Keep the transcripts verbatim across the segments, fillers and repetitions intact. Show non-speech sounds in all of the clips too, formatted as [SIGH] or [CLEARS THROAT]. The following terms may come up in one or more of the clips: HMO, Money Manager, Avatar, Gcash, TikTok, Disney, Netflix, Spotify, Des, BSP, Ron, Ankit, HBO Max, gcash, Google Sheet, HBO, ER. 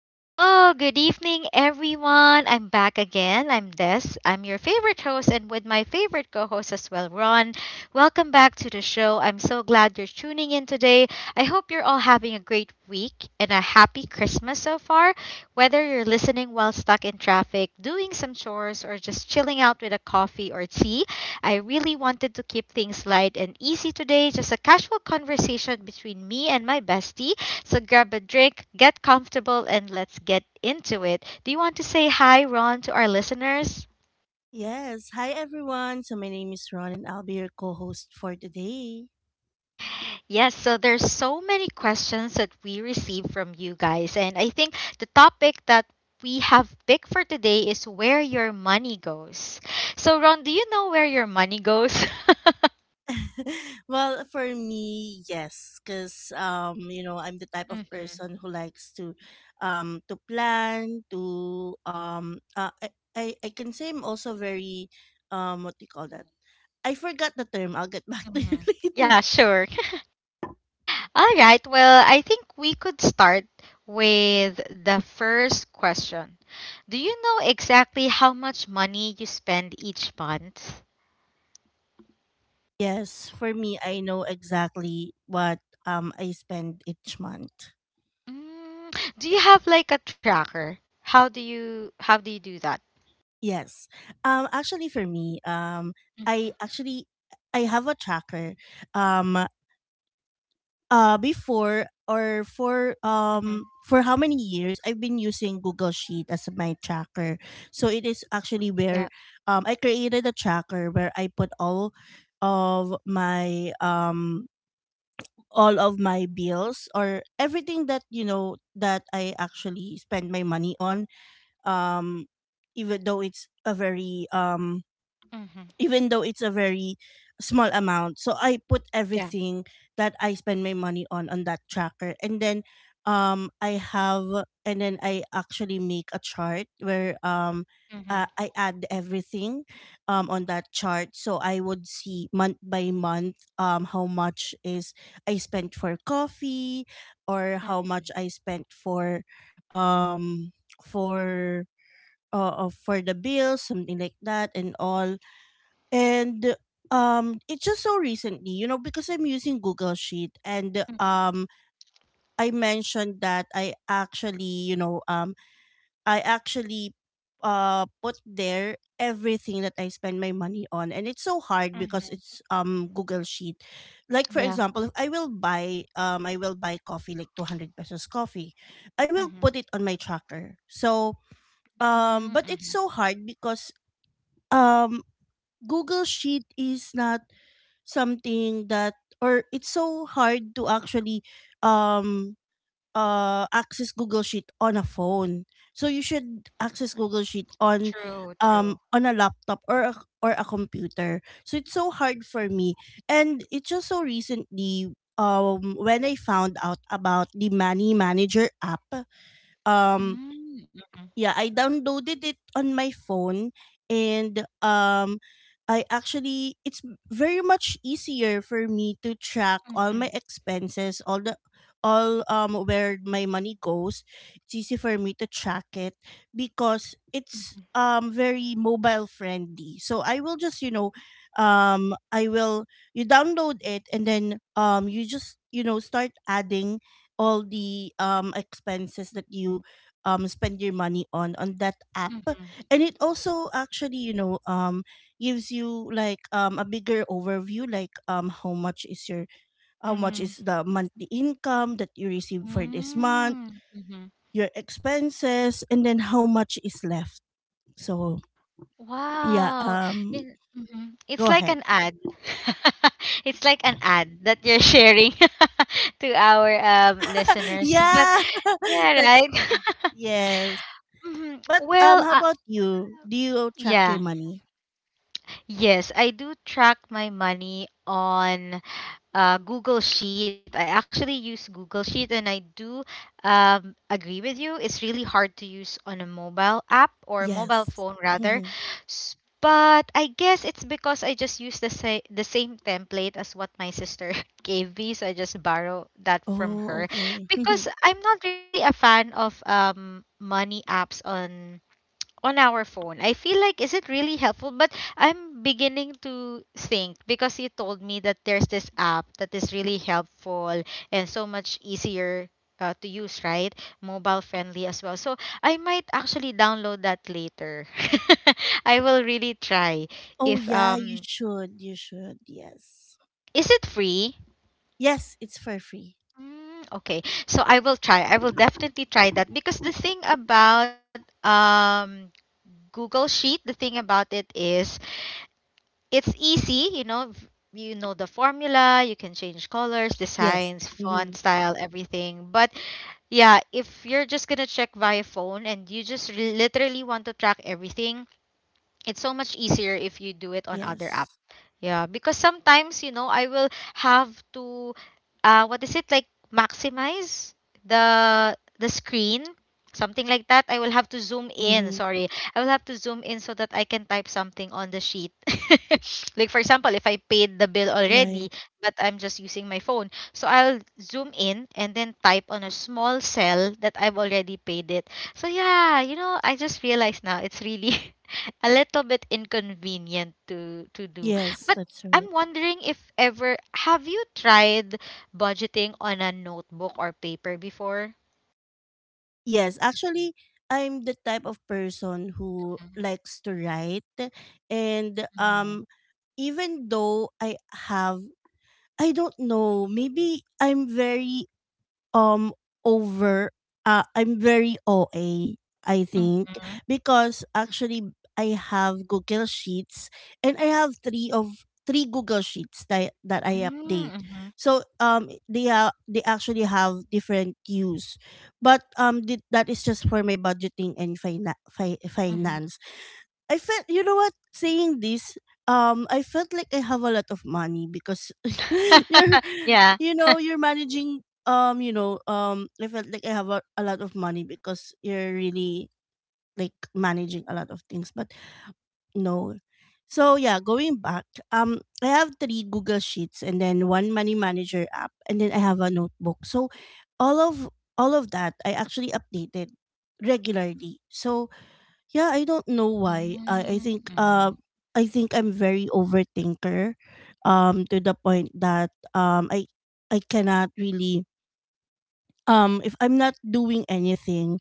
Hello, good evening, everyone. I'm back again. I'm Des. I'm your favorite host, and with my favorite co host as well, Ron. Welcome back to the show. I'm so glad you're tuning in today. I hope you're all having a great week and a happy Christmas so far. Whether you're listening while stuck in traffic, doing some chores, or just chilling out with a coffee or tea, I really wanted to keep things light and easy today. Just a casual conversation between me and my bestie, so grab a drink, get comfortable, and let's get into it. Do you want to say hi, Ron, to our listeners? Yes. Hi, everyone. So, my name is Ron, and I'll be your co host for today. Yes, so there's so many questions that we receive from you guys, and I think the topic that we have picked for today is where your money goes. So, Ron, do you know where your money goes? [LAUGHS] [LAUGHS] Well, for me, yes, because, um, you know, I'm the type of hmm person who likes to, um, to plan, to, um, uh, I, I, I can say I'm also very, um, what do you call that? I forgot the term. I'll get back [LAUGHS] to you hmm later. Yeah, sure. [LAUGHS] All right. Well, I think we could start with the first question. Do you know exactly how much money you spend each month? Yes, for me, I know exactly what um I spend each month. Mm, do you have like a tracker? How do you how do you do that? Yes. Um actually for me, um I actually I have a tracker. Um uh before or for Mm-hmm. hmm um for how many years I've been using Google Sheet as my tracker. So it is actually Yeah. where um I created a tracker where I put all of my um all of my bills or everything that you know that I actually spend my money on, um even though it's a very um Mm-hmm. even though it's a very small amount. So I put Yeah. everything that I spend my money on on that tracker. And then um I have and then I actually make a chart where um Mm-hmm. uh, I add everything um on that chart, so I would see month by month um how much is I spent for coffee or how much I spent for um for uh, uh, for the bills, something like that. And Mm-hmm. all and um it's just so recently, you know, because I'm using Google Sheet, and Mm-hmm. um I mentioned that I actually, you know, um I actually uh put there everything that I spend my money on. And it's so hard because Mm-hmm. it's um Google Sheet. Like for Yeah. example, if I will buy um I will buy coffee like 200 pesos coffee, I will Mm-hmm. put it on my tracker. So um but Mm-hmm. it's so hard because um Google Sheet is not something that, or it's so hard to actually um uh access Google Sheet on a phone. So you should access Google Sheet on True. True. um on a laptop or a, or a computer. So it's so hard for me. And it's just so recently um when I found out about the Money Manager app. um Mm-hmm. yeah, I downloaded it on my phone, and um I actually it's very much easier for me to track Mm-hmm. all my expenses, all the all um where my money goes. It's easy for me to track it because Mm-hmm. it's um very mobile friendly. So I will just, you know, um I will you download it, and then um you just, you know, start adding all the um expenses that you um spend your money on on that app. Mm-hmm. And it also actually, you know, um gives you like um a bigger overview, like um how much is your how much Mm-hmm. is the monthly income that you receive for this month, Mm-hmm. Mm-hmm. your expenses, and then how much is left. So yeah, Wow. Um Yun- mhm. go It's like ahead. an ad. [LAUGHS] It's like an ad that you're sharing [LAUGHS] to our um, [LAUGHS] listeners. But Yeah. [LAUGHS] yeah, That's, right? [LAUGHS] yes. Mhm. But um Well, how uh, about you, do you track your Yeah. money? Yes, I do track my money on uh, Google Sheet. I actually use Google Sheet, and I do um, agree with you. It's really hard to use on a mobile app, or a mobile Yes. phone rather. Hmm. S- But I guess it's because I just use the sa- the same template as what my sister [LAUGHS] gave me, so I just borrow that from Oh, her. okay. [LAUGHS] Because I'm not really a fan of um money apps on on our phone. I feel like, is it really helpful? But I'm beginning to think, because you told me that there's this app that is really helpful and so much easier uh, to use, right? Mobile friendly as well. So I might actually download that later. [LAUGHS] I will really try. Oh If yeah, you um, should. You should. Yes. Is it free? Yes, it's for free. Mm, okay, so I will try. I will definitely try that, because the thing about um Google Sheet, the thing about it is, it's easy, you know, v- you know the formula, you can change colors, Yes. designs, font Mm-hmm. style, everything. But yeah, if you're just gonna check via phone and you just re- literally want to track everything, it's so much easier if you do it on other app. Yes. Yeah, because sometimes, you know, I will have to uh what is it, like, maximize the the screen, something like that. I will have to zoom in, Mm-hmm. sorry. I will have to zoom in so that I can type something on the sheet. [LAUGHS] Like, for example, if I paid the bill Right. already, but I'm just using my phone, so I'll zoom in and then type on a small cell that I've already paid it. So yeah, you know, I just realized now it's really [LAUGHS] a little bit inconvenient to to do. Yes, But that's right. I'm wondering, if ever, have you tried budgeting on a notebook or paper before? Yes, actually, I'm the type of person who likes to write, and Mm-hmm. um, even though I have, I don't know, maybe I'm very um over uh I'm very O A, I think, Mm-hmm. because actually I have Google Sheets, and I have three of three Google Sheets that that I update. Mm-hmm. So um they have they actually have different use. But um th- that is just for my budgeting and fina- fi- Mm-hmm. finance. I felt, you know what, saying this, um I felt like I have a lot of money because [LAUGHS] you're [LAUGHS] Yeah. you know you're managing, um you know, um I felt like I have a, a lot of money because you're really like managing a lot of things. But no, so yeah, going back, um I have three Google sheets and then one money manager app, and then I have a notebook. So all of all of that I actually updated regularly. So yeah, I don't know why. I I think uh Mm-hmm. I think I'm very overthinker um to the point that um I I cannot really um if I'm not doing anything,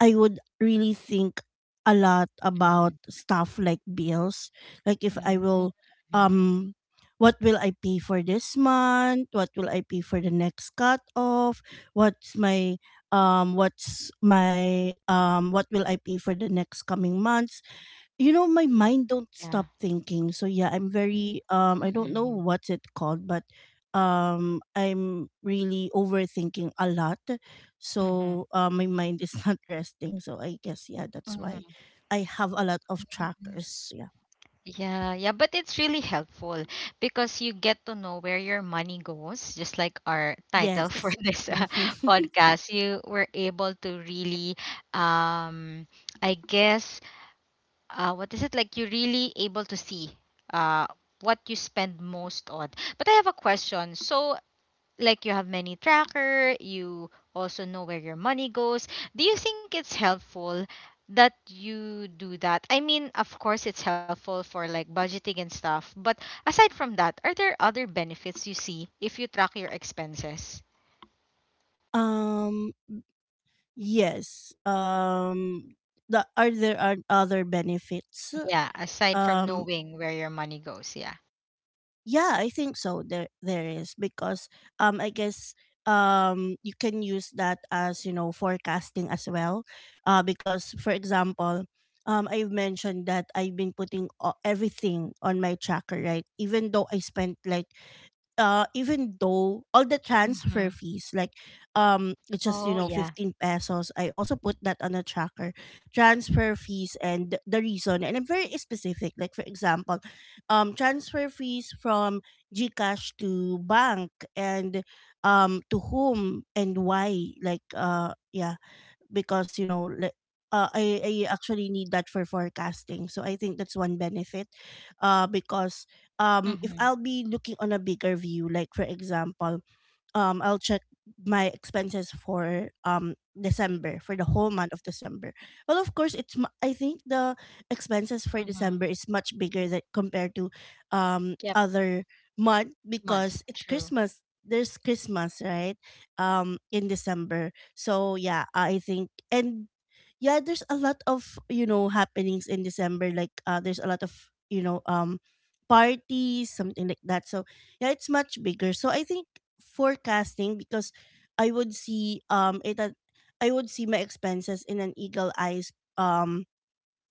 I would really think a lot about Mm-hmm. stuff like bills, like if I Mm-hmm. will um what will I pay for this month? What will I pay for the next cut off? What's my um what's my um what will I pay for the next coming months? You know, my mind don't Yeah. stop thinking. So yeah, I'm Mm-hmm. very um I don't know what's it called, but um I'm really overthinking a lot. Mm-hmm. So uh, my mind is [LAUGHS] not resting, so I guess, yeah, that's why Mm-hmm. I have a lot of trackers. Yeah. Yeah, yeah, but it's really helpful, because you get to know where your money goes, just like our title for Yes. [LAUGHS] this uh, Mhm. [LAUGHS] podcast. You were able to really, um, I guess, uh, what is it like? You're really able to see uh, what you spend most on. But I have a question. So, like, you have many tracker, you also know where your money goes. Do you think it's helpful that you do that? I mean, of course it's helpful for like budgeting and stuff, but aside from that, are there other benefits you see if you track your expenses? um yes, um the, are there are other benefits. Yeah, aside from um knowing where your money goes, yeah. Yeah, I think so. There, there is, because um, I guess um, you can use that as, you know, forecasting as well, uh, because for example, um, I've mentioned that I've been putting o- everything on my tracker, right? Even though I spent like uh even though all the Mm-hmm. transfer fees, like, um it's just, Oh, you know, yeah. 15 pesos, I also put that on a tracker, transfer fees, and the reason, and I'm very specific, like for example, um transfer fees from GCash to bank, and um to whom and why, like uh yeah, because you know, le- uh, I, I actually need that for forecasting. So I think that's one benefit, uh, because um, if Mm-hmm. I'll be looking on a bigger view, like for example, um I'll check my expenses for um December, for the whole month of December. Well, of course, it's mu- I think the expenses for Mm-hmm. December is much bigger that compared to um Yep. other month Months. because it's True. Christmas. There's Christmas, right? Um in December. So yeah, I think, and yeah, there's a lot of, you know, happenings in December, like uh there's a lot of, you know, um parties, something like that. So yeah, it's much bigger. So I think forecasting, because i would see um it at, I would see my expenses in an eagle eyes um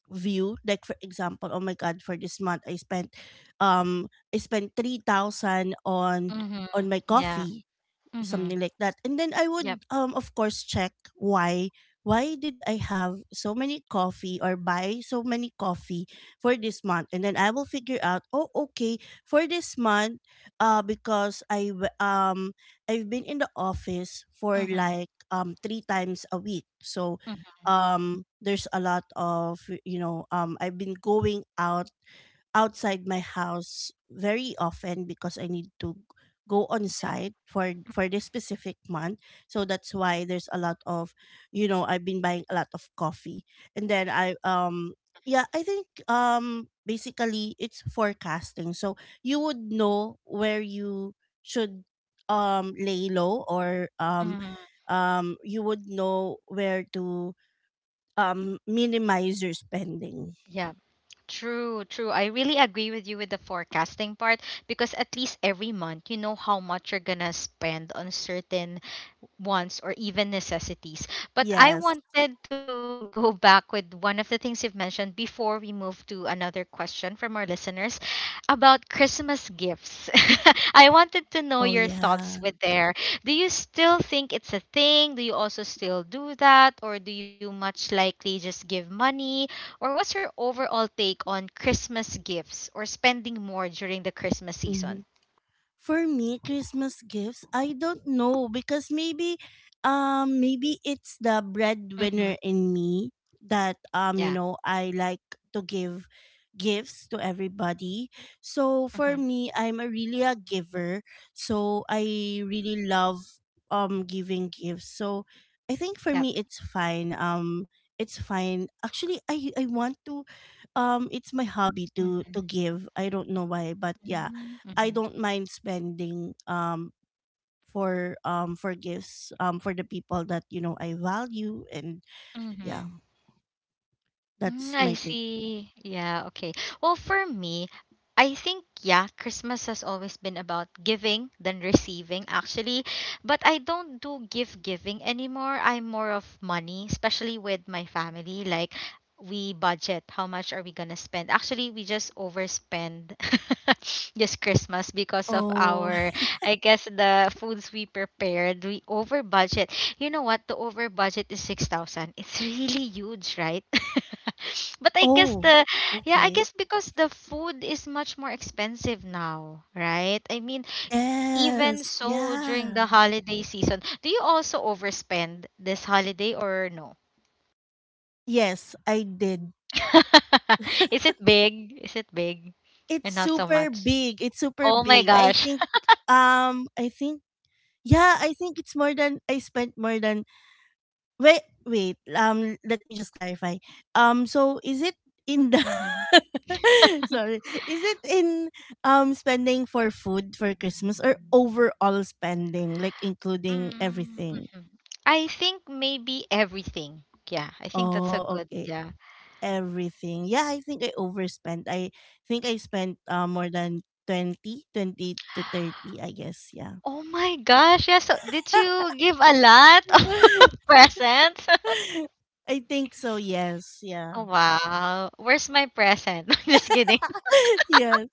view, like for example, oh my god, for this month i spent um I spent three thousand on Mm-hmm. on my Yeah. coffee, Mm-hmm. something like that. And then I Yep. would um of course check why why did I have so many coffee or buy so many coffee for this month? And then I will figure out, oh okay, for this month uh because I w- um I've been in the office for Mm-hmm. like um three times a week. So Mm-hmm. um there's a lot of, you know, um I've been going out outside my house very often because I need to go on Yeah. site for for this specific month. So that's why there's a lot of, you know, I've been buying a lot of coffee. And then I um yeah, I think um basically it's forecasting. So you would know where you should um lay low, or um Mm-hmm. um you would know where to um minimize your spending. Yeah. True, true. I really agree with you with the forecasting part, because at least every month you know how much you're gonna spend on certain wants or even necessities. But I Yes. wanted to [LAUGHS] go back with one of the things you've mentioned before we move to another question from our listeners about Christmas gifts. [LAUGHS] I wanted to know Oh your thoughts yeah. with there. Do you still think it's a thing? Do you also still do that? Or do you much likely just give money? Or what's your overall take on Christmas gifts or spending more during the Christmas season? For me, Christmas gifts, I don't know because maybe um maybe it's the Mm-hmm. breadwinner in me that Yeah. um you know, I like to give gifts to everybody. So Mm-hmm. for me, I'm a really a giver. So I really love um giving gifts. So I think Yep. for me it's fine. Um it's fine. Actually I I want to um it's my hobby Mm-hmm. to to give. I don't know why, but yeah. Mm-hmm. I don't mind spending um for um for gifts um for the people that you know I value, and Mm-hmm. yeah, Mm, that's I my take. see. Yeah, okay. Well, for me, I think, yeah, Christmas has always been about giving than receiving, actually. But I don't do gift giving anymore. I'm more of money, especially with my family. Like, we budget how much are we gonna spend. Actually, we just overspend [LAUGHS] this Christmas because of Oh, our, I guess, the foods we prepared, we over budget. You know what? The over budget is six thousand. It's [LAUGHS] really huge, right? [LAUGHS] But I guess oh, the, yeah, I okay. guess because the food is much more expensive now, right? I mean, even Yes, so, during the yeah. holiday season, do you also overspend this holiday or no? Yes, I did. [LAUGHS] Is it big? Is it big? And It's not so super much. big. It's super Oh my big. I gosh. think um I think, yeah, I think it's more than, I spent more than wait, wait, um let me just clarify. Um so is it in the [LAUGHS] [LAUGHS] sorry. Is it in um spending for food for Christmas, or overall spending, like including Mm, everything? mhm. I think maybe everything. Yeah, I think that's a Oh, good, okay. yeah. Everything. Yeah, I think I overspent. I think I spent uh, more than twenty, twenty to thirty, I guess. Yeah. Oh my gosh, yeah. So did you give a lot of [LAUGHS] [LAUGHS] presents? [LAUGHS] I think so, yes. Oh Yeah. wow. Where's my present? [LAUGHS] Just kidding. [LAUGHS] Yes.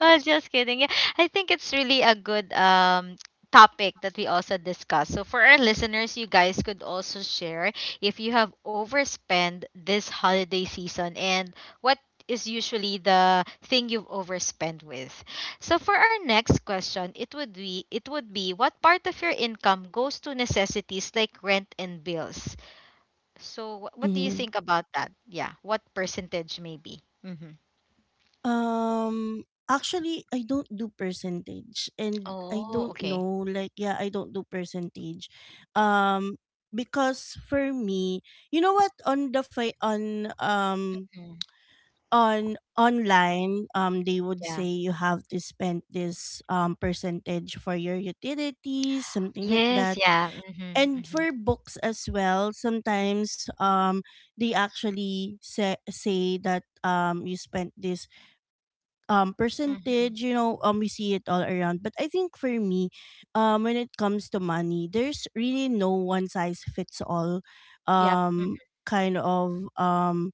I was just kidding. Yeah, I think it's really a good um topic that we also discuss. So for our listeners, you guys could also share if you have overspent this holiday season and what is usually the thing you've overspent with. So for our next question, it would be, it would be what part of your income goes to necessities like rent and bills? So wh- what do you Hmm. think about that? Yeah, what percentage maybe? Mhm. Um actually I don't do percentage, and I Oh, don't okay. know, like, yeah, I don't do percentage. Um because for me, you know what, on the fi- on um Mm. on online, um they would say you have to spend this um percentage for your utilities, something like Yes, that, yeah. Mhm, mhm. and for books as well sometimes, um they actually say, say that um you spent this um Mhm. percentage, you know um we see it all around. But I think for me, um when it comes to money, there's really no one size fits all Yep. Mm, um kind of um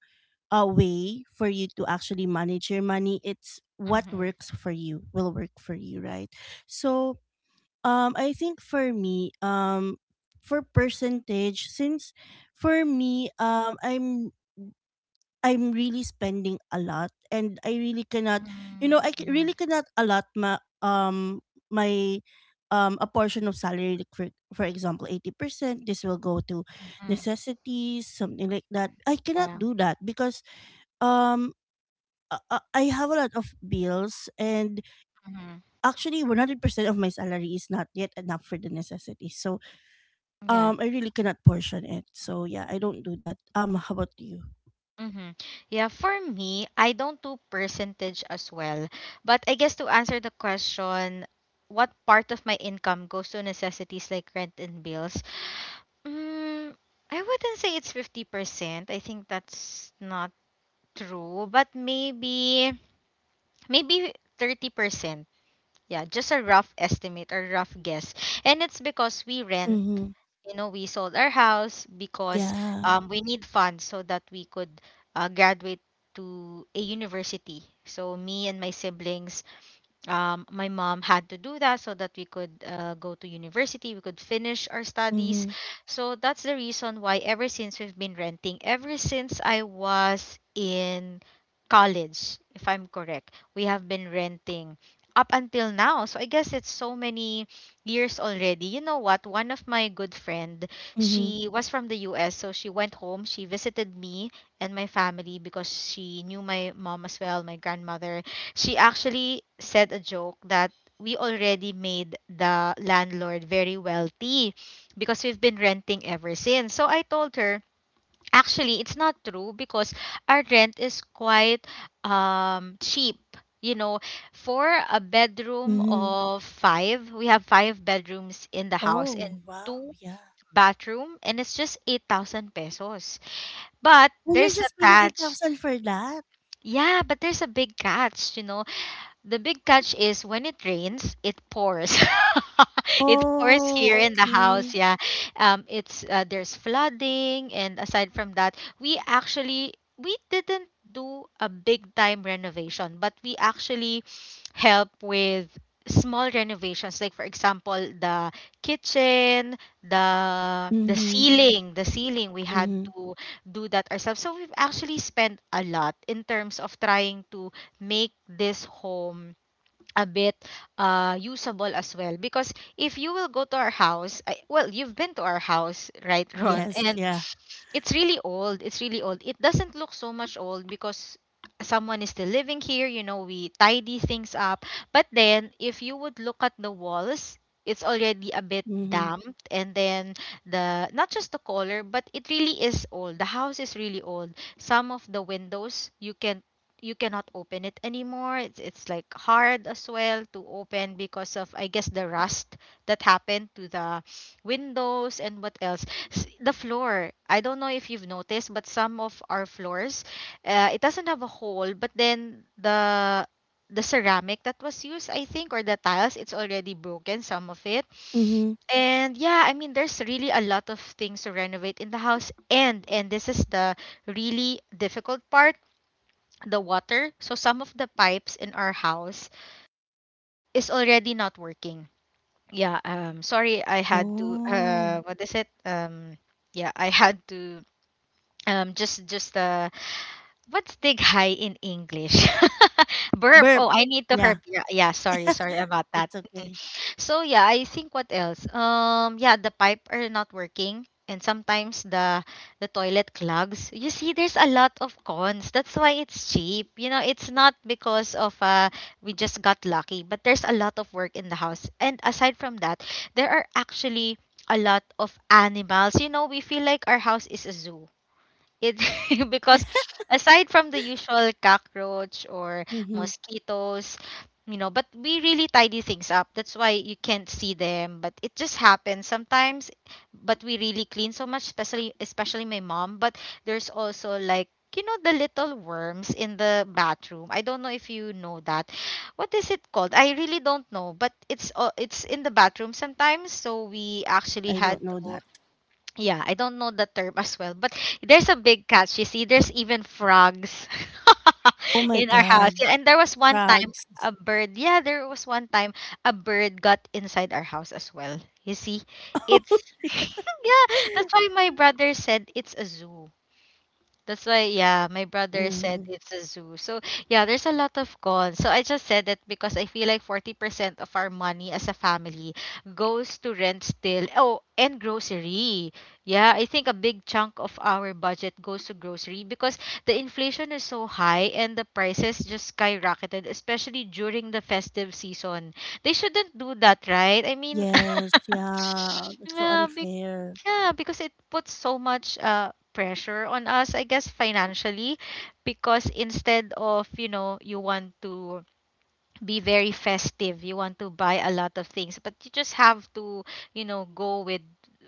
a way for you to actually manage your money. It's what mhm. works for you will work for you, right? So um, I think for me, um, for percentage, since for me, um, I'm I'm really spending a lot, and I really cannot, you Mm, know, I c- mhm. really cannot allot my um my um a portion of salary, like for for example eighty percent this will go to Mhm. necessities, something like that. I Yeah. cannot do that because um uh, uh, I have a lot of bills, and Mhm. actually one hundred percent of my salary is not yet enough for the necessities. So Yeah. Um, I really cannot portion it. So yeah, I don't do that. Um, how about you? Mhm. Yeah, for me, I don't do percentage as well. But I guess to answer the question, what part of my income goes to necessities like rent and bills? Mm, I wouldn't say it's fifty percent. I think that's not true, but maybe maybe thirty percent. Yeah, just a rough estimate or rough guess. And it's because we rent, Mm-hmm. you know, we sold our house because Yeah. um, we need funds so that we could uh, graduate to a university. So me and my siblings, um, my mom had to do that so that we could uh, go to university, we could finish our studies. Mm-hmm. So that's the reason why ever since we've been renting, ever since I was in college, if I'm correct, we have been renting up until now. So I guess it's so many years already. You know what? One of my good friend, Mm-hmm. she was from the U S, so she went home, she visited me and my family, because she knew my mom as well, my grandmother, she actually said a joke that we already made the landlord very wealthy because we've been renting ever since. So I told her, actually, it's not true because our rent is quite um, cheap. You know, for a bedroom Mm-hmm. of five, we have five bedrooms in the house Oh and wow, two yeah. bathroom, and it's just eight thousand pesos. But Oh, you're there's a just paying eight catch. thousand for that? Yeah, but there's a big catch, you know. The big catch is when it rains, it pours. [LAUGHS] It pours here Oh, in the house. okay. Yeah, um, it's uh, there's flooding, and aside from that, we actually, we didn't do a big time renovation, but we actually help with small renovations. Like, for example, the kitchen, the the Mm-hmm. ceiling, the ceiling. We had Mm-hmm. to do that ourselves. So we've actually spent a lot in terms of trying to make this home a bit uh, usable as well. Because if you will go to our house, I, well, you've been to our house, right, Ron? Yes, And yeah. it's really old. It's really old. It doesn't look so much old because someone is still living here. You know, we tidy things up. But then, if you would look at the walls, it's already a bit Mm-hmm. damped. And then, the, not just the color, but it really is old. The house is really old. Some of the windows you can, you cannot open it anymore. It's it's like hard as well to open because of, I guess, the rust that happened to the windows. And what else, s- the floor. I don't know if you've noticed, but some of our floors, uh, it doesn't have a hole, but then the the ceramic that was used, I think, or the tiles, it's already broken, some of it. Mm-hmm. And yeah, I mean, there's really a lot of things to renovate in the house. And and this is the really difficult part, the water. So some of the pipes in our house is already not working. Yeah, um, sorry, I had to, Oh. uh, what is it? Um, yeah, I had to um just just the what's dig high in english [LAUGHS] burp Burp. oh I need to herp Yeah, yeah, yeah sorry sorry about that. it's Mhm. okay. So yeah, I think what else, um yeah, the pipe are not working and sometimes the the toilet clogs. You see, there's a lot of cons. That's why it's cheap, you know. It's not because of uh we just got lucky, but there's a lot of work in the house. And aside from that, there are actually a lot of animals. You know, we feel like our house is a zoo. It's [LAUGHS] because aside from the usual cockroach or Mm-hmm. mosquitoes, you know, but we really tidy things up. That's why you can't see them, but it just happens sometimes. But we really clean so much, especially especially my mom. But there's also like, you know, the little worms in the bathroom. I don't know if you know that. What is it called? I really don't know, but it's uh, it's in the bathroom sometimes. So we actually I had don't know to, that. yeah, I don't know the term as well, but there's a big catch. You see, there's even frogs Oh [LAUGHS] my in our house. god, Yeah, and there was one time frogs. a bird. Yeah, there was one time a bird got inside our house as well. You see, it's [LAUGHS] [LAUGHS] yeah. That's why my brother said it's a zoo that's why, yeah, my brother Mm-hmm. said it's a zoo. So, yeah, there's a lot of cons. So, I just said that because I feel like forty percent of our money as a family goes to rent still. Oh, and grocery. Yeah, I think a big chunk of our budget goes to grocery because the inflation is so high and the prices just skyrocketed, especially during the festive season. They shouldn't do that, right? I mean, Yes, [LAUGHS] yeah, that's so Yeah, unfair. yeah, because it puts so much uh pressure on us, I guess financially, because instead of, you know, you want to be very festive. You want to buy a lot of things, but you just have to, you know, go with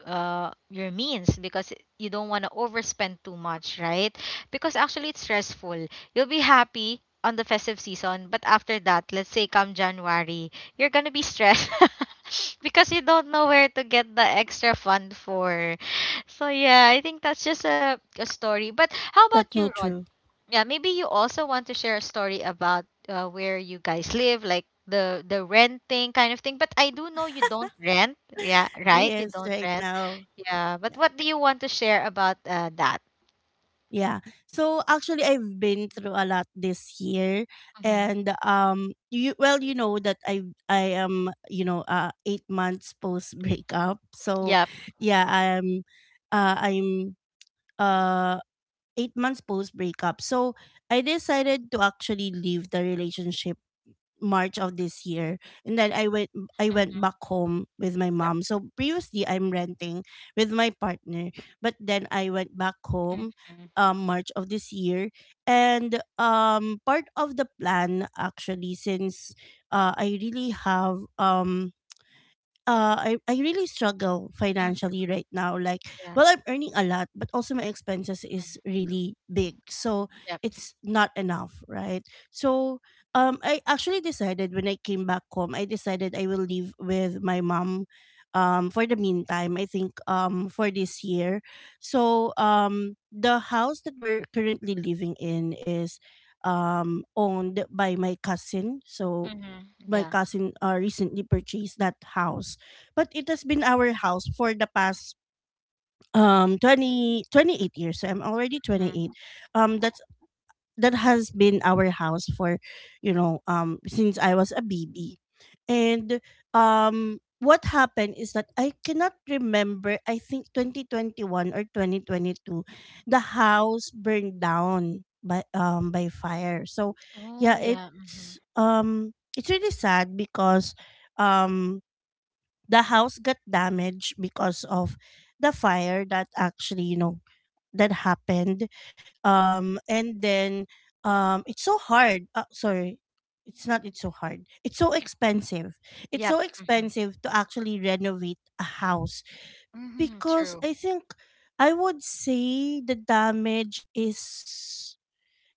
uh your means because you don't want to overspend too much, right? Because actually it's stressful. You'll be happy on the festive season, but after that, let's say come January, you're going to be stressed [LAUGHS] because you don't know where to get the extra fund for. So yeah, I think that's just a, a story. But how about That's you, so Ron? true. Yeah, maybe you also want to share a story about uh, where you guys live, like the the renting kind of thing. But I do know you don't rent. Yeah, right? You Yes, don't right rent. now. Yeah. But Yeah. what do you want to share about uh, that? Yeah. So actually I've been through a lot this year, Mm-hmm. and um you, well, you know that I I am, you know, uh eight months post breakup. So Yep. yeah, I'm uh I'm uh eight months post breakup. So I decided to actually leave the relationship March of this year. And then I went I went Mm-hmm. back home with my Yep. mom. So previously I'm renting with my partner, but then I went back home Mm-hmm. um March of this year. And um part of the plan actually, since uh I really have um uh I, I really struggle Mm-hmm. financially right now, like, Yeah. well, I'm earning a lot, but also my expenses Mhm. is really big, so Yep. it's not enough, right? So um I actually decided, when I came back home, I decided I will live with my mom um for the meantime. I think um for this year. So um the house that we're currently living in is um owned by my cousin. So Mm-hmm. my Yeah. cousin uh, recently purchased that house, but it has been our house for the past um twenty twenty eight years, so I'm already Mm-hmm. twenty-eight. um that that has been our house for, you know um since I was a baby. And um what happened is that, I cannot remember, I think twenty twenty-one or two thousand twenty-two, the house burned down by um by fire. So Oh yeah, yeah. Mm-hmm. it's um it's really sad because um the house got damaged because of the fire that actually, you know, that happened. Um and then um it's so hard, uh, sorry. It's not It's so hard, it's so expensive it's Yep. so Mm-hmm. expensive to actually renovate a house. Mm-hmm. Because True. I think, I would say the damage is,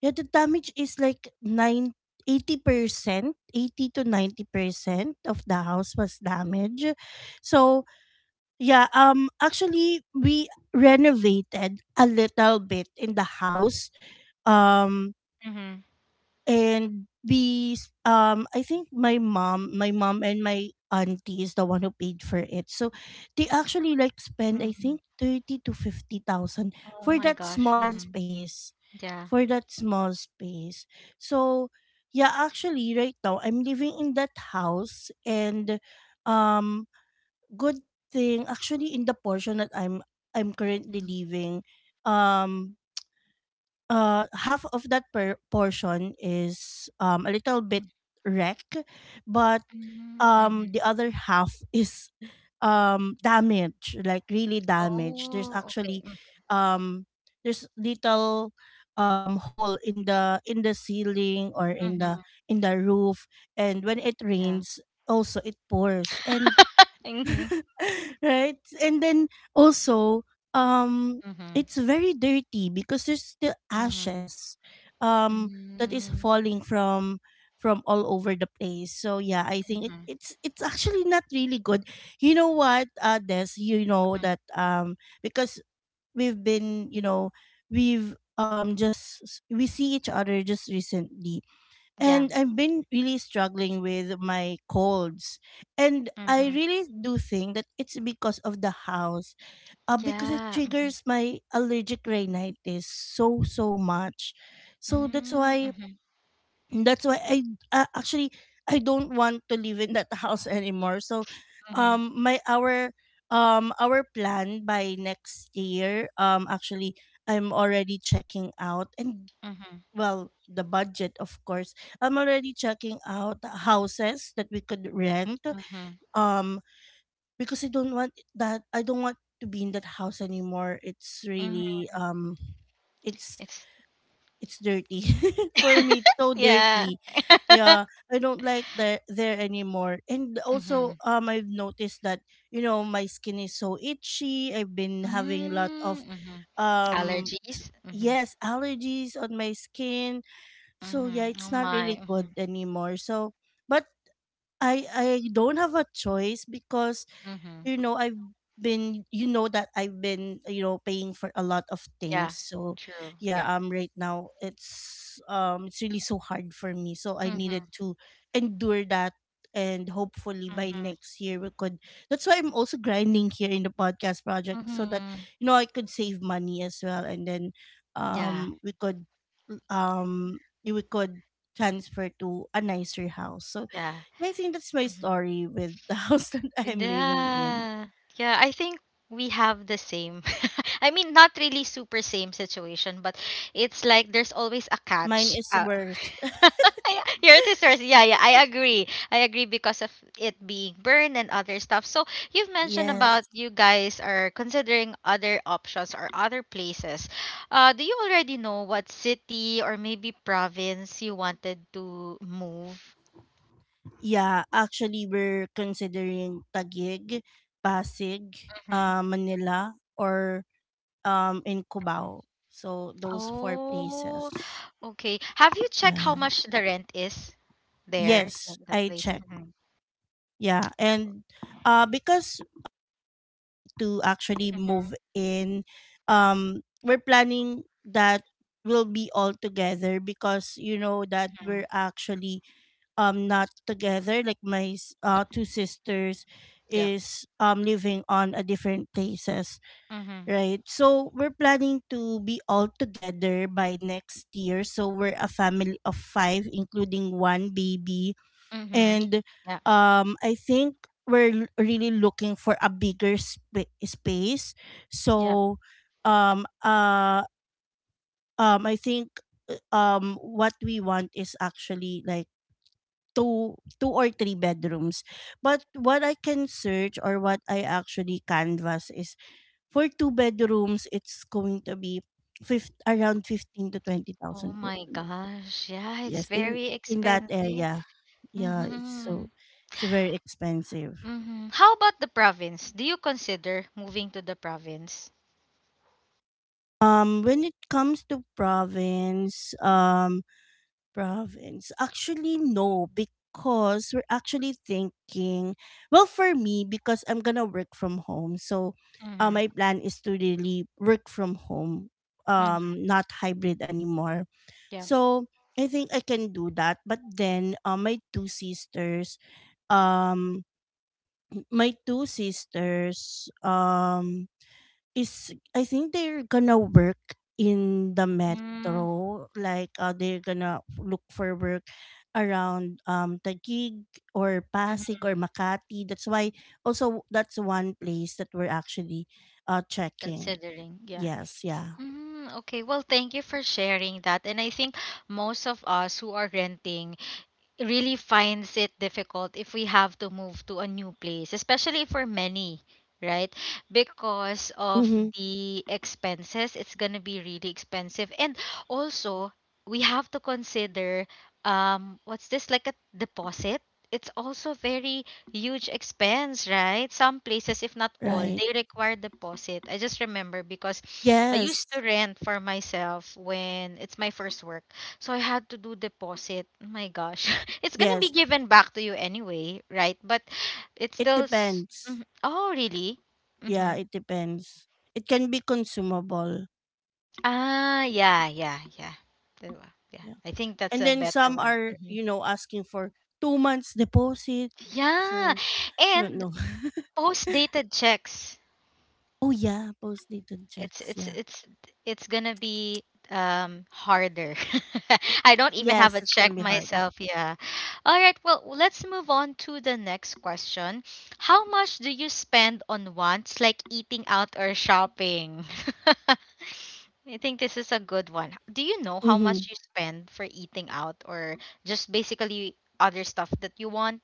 yeah, the damage is like nine eighty percent eighty to ninety percent of the house was damaged. So yeah, um actually we renovated a little bit in the house. Um Mm-hmm. and we s- um I think my mom, my mom and my auntie is the one who paid for it. So they actually like spend, I Mm-hmm. think, thirty to fifty thousand Oh for my that gosh. small Mm-hmm. space. Yeah. For that small space. So yeah, actually right now I'm living in that house. And um good thing, actually, in the portion that I'm I'm currently Mm-hmm. living, um uh half of that per- portion is um a little bit wreck, but um Mm-hmm. the other half [LAUGHS] is um damaged, like really damaged. There's Oh, okay. actually, um there's little um hole in the in the ceiling or in the Mm-hmm. in the roof. And when it Yeah. rains, also it pours. And Mhm. [LAUGHS] right? And then, also, um, Mhm. it's very dirty because there's still Mhm. ashes, um, that is Mm, falling from from all over the place. So yeah, I think, it, mhm. it's it's actually not really good. You know what, uh, Des, you know Mhm. that, um, because we've been, you know, we've um just we see each other just recently, Yeah. and I've been really struggling with my colds. And I Mhm. really do think that it's because of the house, uh, because it Yeah. Mhm. triggers my allergic rhinitis so, so much. So that's Mm, why, mhm. that's why I, uh, actually, I don't want to live in that [LAUGHS] house anymore. So, Mhm. um, my, our, um, our plan by next year, um, actually, I'm already checking out. And, Mhm. well, the budget, of course. I'm already checking out houses that we could rent, Mhm. um because I don't want that, I don't want to be in that house anymore. It's Mhm. really, um it's It's it's dirty. [LAUGHS] For me it's so yeah. dirty. Yeah, [LAUGHS] I don't like that there anymore. And also, Mhm. um I've noticed that, you know, my skin is so itchy. I've been having a lot Mm, of mhm. um s- Allergies. Mhm. yes, allergies on my skin. So yeah, Mhm. Oh it's not my. really good Mhm. anymore. So, but I I don't have a choice because, Mhm. you know, I've been, you know that I've been, you know, paying for a lot of Yeah. things. So True. yeah. Yeah. Um right now it's, um it's really so hard for me, so I needed Mhm. to endure that, and hopefully by Mhm. next year we could. That's why I'm also grinding here in the podcast project so that, Mhm. you know, I could save money as well. And then Yeah. um we could um we could transfer to a nicer house. So Yeah. yeah, I think that's my Mm-hmm. story with the [LAUGHS] house that I'm living in. Yeah. Yeah, I think we have the same. [LAUGHS] I mean, not really super same situation, but it's like there's always a Mine catch. is Uh, worse. [LAUGHS] your sisters, yeah, yeah, I agree. I agree because of it being burned and other stuff. So you've mentioned Yes. about you guys are considering other options or other places. Uh, do you already know what city or maybe province you wanted to move? Yeah, actually we're considering Taguig, Pasig, Mm-hmm. uh, Manila, or um in Cubao. So those four places. Oh, okay. Have you checked Yeah. how much the rent is there Yes, in that I place? checked. Mm-hmm. Yeah, and uh because to actually move Mm-hmm. in, um we're planning that will be all together because, you know, that we're actually um not together. Like my s- uh, two sisters Yeah. is um living on a different places, Mm-hmm. right? So we're planning to be all together by next year. So we're a family of five including one baby. Mm-hmm. And Yeah. um I think we're l- really looking for a bigger spa- space. Yeah. So um uh um I think, uh, um what we want is actually like two two or three bedrooms. But what I can search, or what I actually canvas is, for two bedrooms it's going to be fifth around fifteen to Oh twenty thousand per my month. gosh. Yeah, it's Yes, in very in that expensive. area. Yeah, it's Mm-hmm. so it's very expensive. Mm-hmm. How about the province? Do you consider moving to the province? Um when it comes to province, um province? Actually, no, because we're actually thinking, well, for me, because I'm gonna work from home. So, uh, Mm-hmm. my plan is to really work from home, Mm-hmm. um, not hybrid anymore. Yeah. So, I think I can do that. But then, uh, my two sisters, um, my two sisters, um, is, I think, they're gonna work in the Mm-hmm. metro. Like, uh, they're gonna look for work around um Taguig or Pasig Mm-hmm. or Makati. That's why, also that's one place that we're actually uh checking. Considering. Yeah. Yes, yeah. Mm, okay. Well, thank you for sharing that. And I think most of us who are renting really finds it difficult if we have to move to a new place, especially for many, right? Because of Mm-hmm. the expenses, it's going to be really expensive. And also, we have to consider um what's this, like a deposit? It's also very huge expense, right? Some places, if not all, Right. they require deposit. I just remember because I Yes. used to rent for myself when it's my first work. So I had to do deposit. Oh my gosh. [LAUGHS] It's gonna be Yes. given back to you anyway, right? But it's It still s- depends. mhm. Oh, really? Yeah, Mm-hmm. it depends. It can be consumable. Ah, yeah, yeah, yeah. There wa- Yeah. Yeah. I think that's And a then better some one. are, Hmm. you know, asking for two months deposit. Yeah. So don't And know. [LAUGHS] post-dated checks. Oh yeah, post-dated it's checks, it's yeah. it's it's gonna be um harder. [LAUGHS] I don't even have Yes, a it's gonna check be harder. myself, yeah. All right, well let's move on to the next question. How much do you spend on wants, like eating out or shopping? [LAUGHS] I think this is a good one. Do you know how Mm-hmm. much you spend for eating out or just basically other stuff that you want?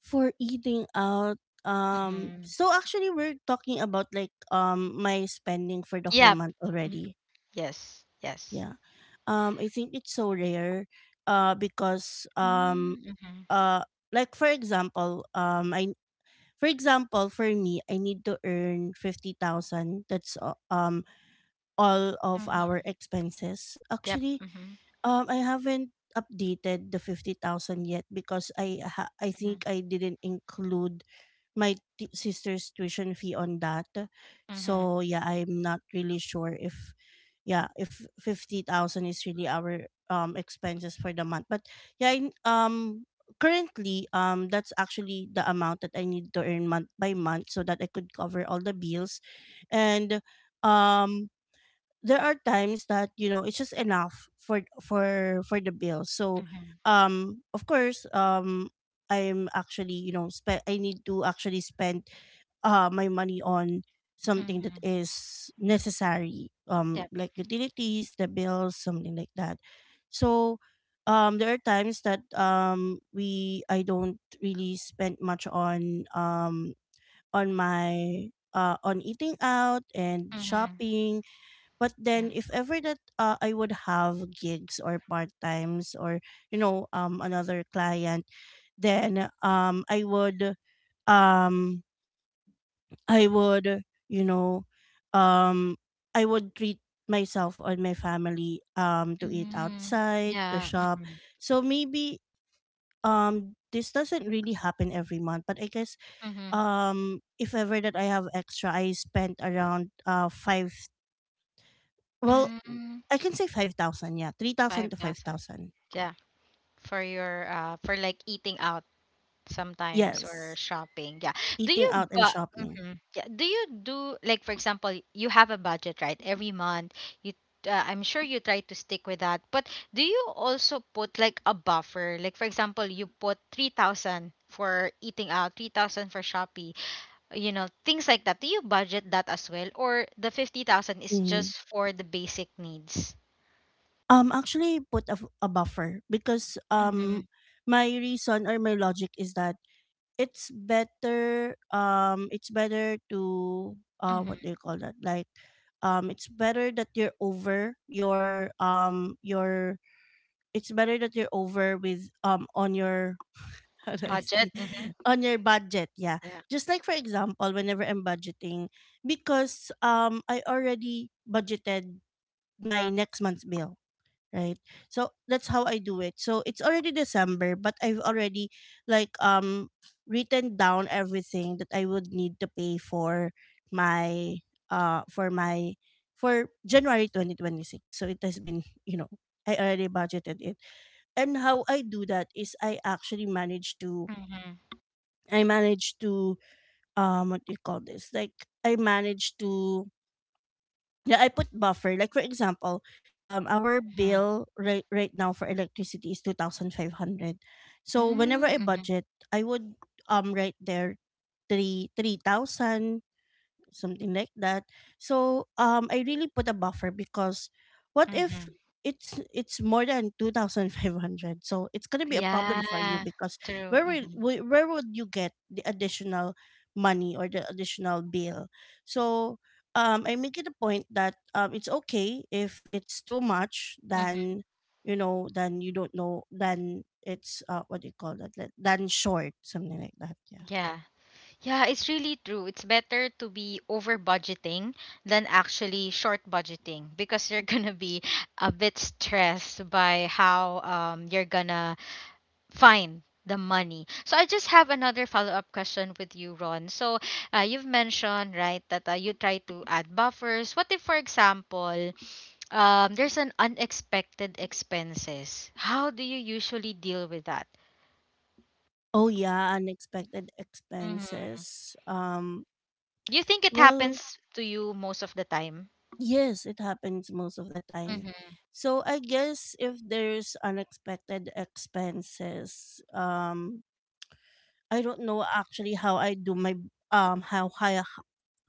For eating out, um, Mm-hmm. so actually we're talking about like um my spending for the whole Yeah. month Mhm. already. Yes, yes. Yeah. Um, I think it's so rare, uh, because um Mm-hmm. Mm-hmm. uh like, for example, um I for example for me I need to earn fifty thousand. That's uh, um all of our Mm-hmm. expenses. Yep. Actually, Mm-hmm. Um, I haven't updated the fifty thousand yet because I ha- I Mhm, think I didn't include my t- sister's tuition fee on that. mhm, So, yeah, I'm not really sure if, yeah, if fifty thousand is really our um expenses for the month. But yeah, in, um currently um that's actually the amount that I need to earn month by month so that I could cover all the bills, and um there are times that, you know, it's just enough for for for the bills. So mhm, um of course, um I'm actually, you know, spe- I need to actually spend uh my money on something that mhm. is necessary, um Yep. like utilities, the bills, something like that. So um there are times that um we I don't really spend much on um on my uh on eating out and Mhm. shopping. But Yeah. then, if ever that uh, I would have gigs or part-times, or, you know, um another client, then um I would um I would you know um I would treat myself or my family um to eat Mm. outside, to Yeah. shop. Mhm. So maybe um this doesn't really happen every month, but I guess, Mhm. um if ever that I have extra, I spent around uh five. Well, Mm. I can say five thousand, yeah, three thousand to five thousand. five thousand. Yeah. For your uh for like eating out sometimes or Yes, shopping. Yeah. Do eating out you, and but shopping. mhm. Yeah. Do you do, like for example, you have a budget, right? Every month you uh, I'm sure you try to stick with that, but do you also put like a buffer? Like for example, you put three thousand for eating out, three thousand for shopping, you know, things like that. Do you budget that as well, or the fifty thousand is Mhm. just for the basic needs? Um, actually put a, f- a buffer because um Mm-hmm. my reason or my logic is that it's better, um it's better to, uh what Mm-hmm. do you call that? Like, um it's better that you're over your, um your it's better that you're over with, um on your [LAUGHS] how do I Budget, say it? mm-hmm. On your budget, yeah, Yeah. just like for example whenever I'm budgeting, because um I already budgeted my next month's bill, right? So that's how I do it. So it's already December but I've already, like um written down everything that I would need to pay for my, uh for my, for January twenty twenty-six. So it has been, you know I already budgeted it. And how I do that is I actually manage to, Mm-hmm. i manage to um what do you call this like I manage to yeah, I put buffer. Like for example, um, our Mm-hmm. bill right right now for electricity is two thousand five hundred. So whenever I Mm-hmm. budget, I would um write there three three thousand, something like that. So um, I really put a buffer because what if Mm-hmm. it's it's more than two thousand five hundred? So it's gonna be a problem for you Yeah. because True. where will Mm-hmm. wh- where would you get the additional money or the additional bill? So um, I make it a point that um, it's okay if it's too much. Mm-hmm. Then you know, then you don't know. Then it's uh, what do you call that? Like, then short, something like that. Yeah. Yeah, yeah, it's really true. It's better to be over budgeting than actually short budgeting because you're [LAUGHS] gonna be a bit stressed by how um you're gonna fine the money. So I just have another follow-up question with you, Ron. So uh, you've mentioned, right, that uh, you try to add buffers. What if, for example, um, there's an unexpected expenses? How do you usually deal with that? Oh yeah, unexpected Mm-hmm. expenses. Um You think it Well, happens to you most of the time? yes, it happens most of the time. Mm-hmm. So I guess if there's unexpected expenses, um I don't know actually how I do my, um how I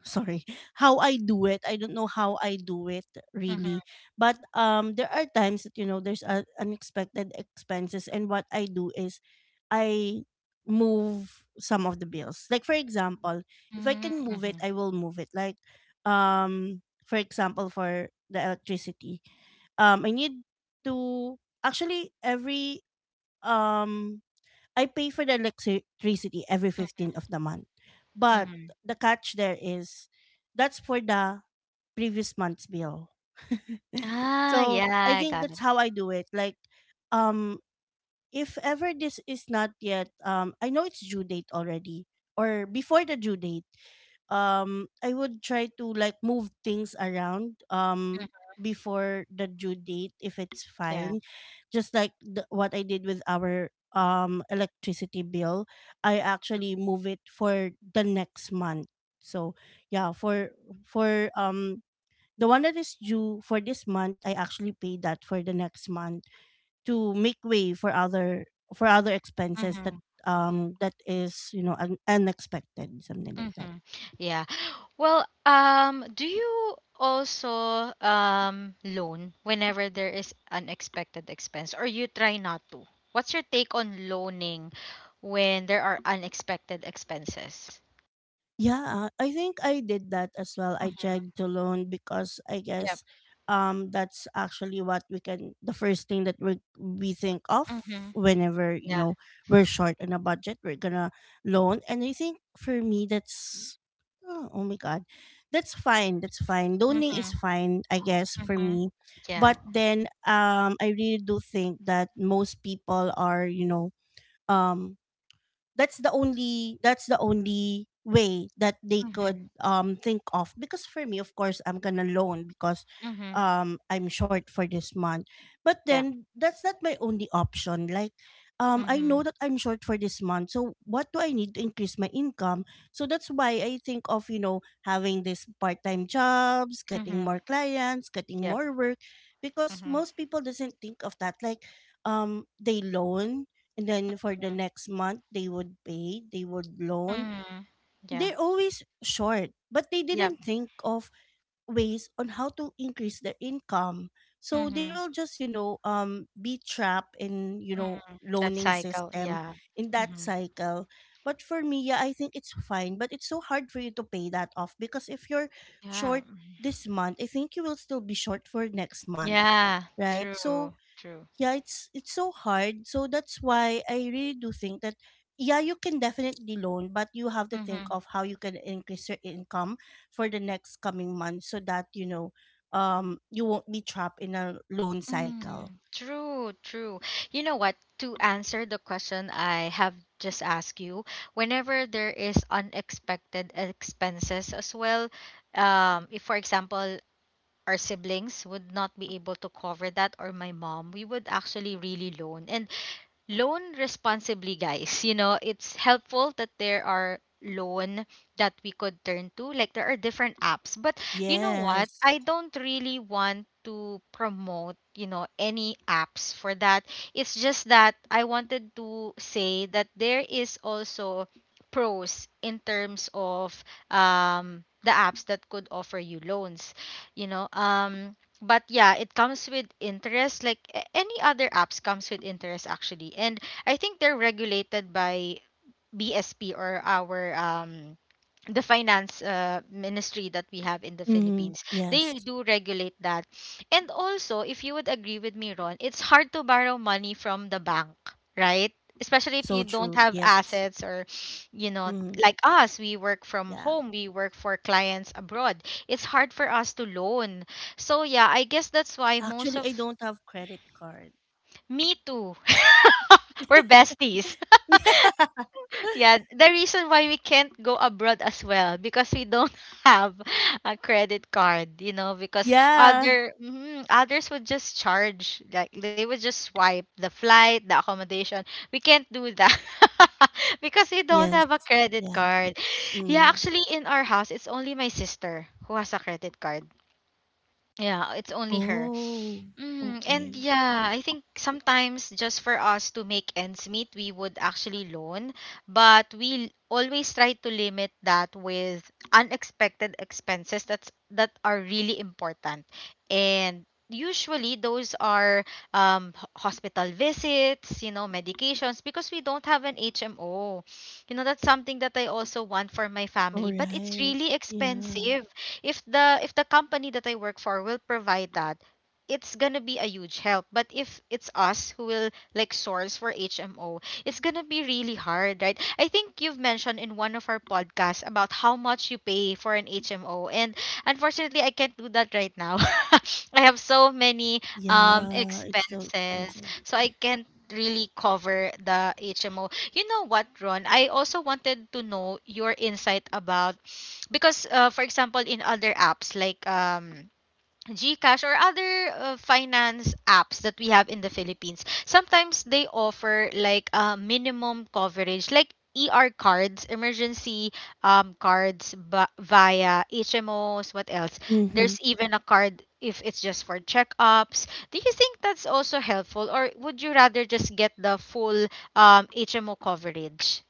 sorry. [LAUGHS] How I do it, I don't know how I do it, Mm-hmm. really. But um there are times that you know there's uh, unexpected expenses, and what I do is I move some of the bills. Like for example, if I Mm-hmm. can move Mm-hmm. it, I will move it, like um for example for the electricity. Um I need to actually every um I pay for the electricity every fifteenth of the month. But Mm-hmm. the catch there is that's for the previous month's bill. [LAUGHS] Ah, So I yeah, I think got that's it. how I do it. Like, um, if ever this is not yet, um, I know it's due date already, or before the due date, um I would try to like move things around, um before the due date if it's fine. Just like the, what I did with our um electricity bill, I actually move it for the next month. So yeah, for, for um the one that is due for this month, I actually pay that for the next month to make way for other, for other expenses that Yeah. um that is, you know, un- unexpected, something like that. Mm-hmm. Yeah. Well, um, do you also um loan whenever there is unexpected expense, or you try not to? What's your take on loaning when there are unexpected expenses? Yeah, I think I did that as well. I Mm-hmm. checked to loan because I Yep. guess um that's actually what we can, the first thing that we we think of Mm-hmm. whenever, you Yeah. know, we're short on a budget, we're gonna loan. And I think for me that's oh, oh my god. That's fine. That's fine. Loaning is Mm-hmm. fine, I guess, for Mm-hmm. me. Yeah. But then um I really do think that most people are, you know, um that's the only that's the only way that they Mm-hmm. could um think of. Because for me, of course, I'm gonna loan because Mm-hmm. um I'm short for this month. But Yeah. then that's not my only option. Like, um I know Mm-hmm. that I'm short for this month, so what do I need to increase my income? So that's why I think of, you know, having this part-time jobs, getting Mm-hmm. more clients, getting Yep. more work. Because Mm-hmm. most people doesn't think of that. Like, um they loan, and then for the next month they would pay, they would loan. Mm-hmm. Yeah. They're always short, but they Yep. didn't think of ways on how to increase their income. So they Mm-hmm. will just you know um be trapped in, you know Mm-hmm. That loaning cycle. system. Yeah. In that Mm-hmm. cycle. But for me, yeah, I think it's fine. But it's so hard for you to pay that off because if you're Yeah. short this month, I think you will still be short for next month, Yeah, right? true, So true. yeah, it's it's so hard. So that's why I really do think that yeah, you can definitely loan, but you have to think Mm-hmm. of how you can increase your income for the next coming months so that you know, um you won't be trapped in a loan cycle. Mm, true, true. You know what? To answer the question I have just asked you, whenever there is unexpected expenses as well, um, if for example our siblings would not be able to cover that, or my mom, we would actually really loan. And loan responsibly, guys. You know, it's helpful that there are loan that we could turn to, like there are different apps. But you know what, Yes. I don't really want to promote, you know, any apps for that. It's just that I wanted to say that there is also pros in terms of um the apps that could offer you loans, you know. Um but yeah, it comes with interest, like a- any other apps comes with interest actually. And I think they're regulated by B S P or our um the finance uh, ministry that we have in the Mm-hmm. Philippines. They Yes. do regulate that. And also, if you would agree with me, Ron, it's hard to borrow money from the bank, right? Especially if So you don't true. have Yes. assets, or, you know, Mm-hmm. like us, we work from Yeah, home, we work for clients abroad. It's hard for us to loan. So, yeah, I guess that's why most actually of, I don't have credit card. me too. [LAUGHS] We're besties. [LAUGHS] [LAUGHS] Yeah, the reason why we can't go abroad as well because we don't [LAUGHS] have a credit card, you know, because Yeah. other mhm, others would just charge, like they would just swipe the flight, the accommodation. We can't do that [LAUGHS] because we don't Yes. have a credit Yeah. card. Yeah, Mm. actually in our house it's only my sister who has a credit card. Yeah, it's only her. Oh. Mm, Okay. and yeah, I think sometimes just for us to make ends meet, we would actually loan, but we always try to limit that with unexpected expenses that's that are really important. And usually those are um, ho- hospital visits, you know, medications because we don't have an H M O. You know, that's something that I also want for my All family, but it's right. really Yeah. expensive if the if the company that I work for will provide that, it's gonna be a huge help. But if it's us who will like source for H M O, it's gonna be really hard, right? I think you've mentioned in one of our podcasts about how much you pay for an H M O, and unfortunately, I can't do that right now. [LAUGHS] I have so many um Yeah, it's so expenses, expensive. so I can't really cover the H M O. You know what, Ron? I also wanted to know your insight about because, uh, for example, in other apps like um Gcash or other uh, finance apps that we have in the Philippines, sometimes they offer like a minimum coverage, like E R cards, emergency um, cards ba- via H M Os. What else? Mm-hmm. There's even a card if it's just for checkups. Do you think that's also helpful, or would you rather just get the full um, H M O coverage?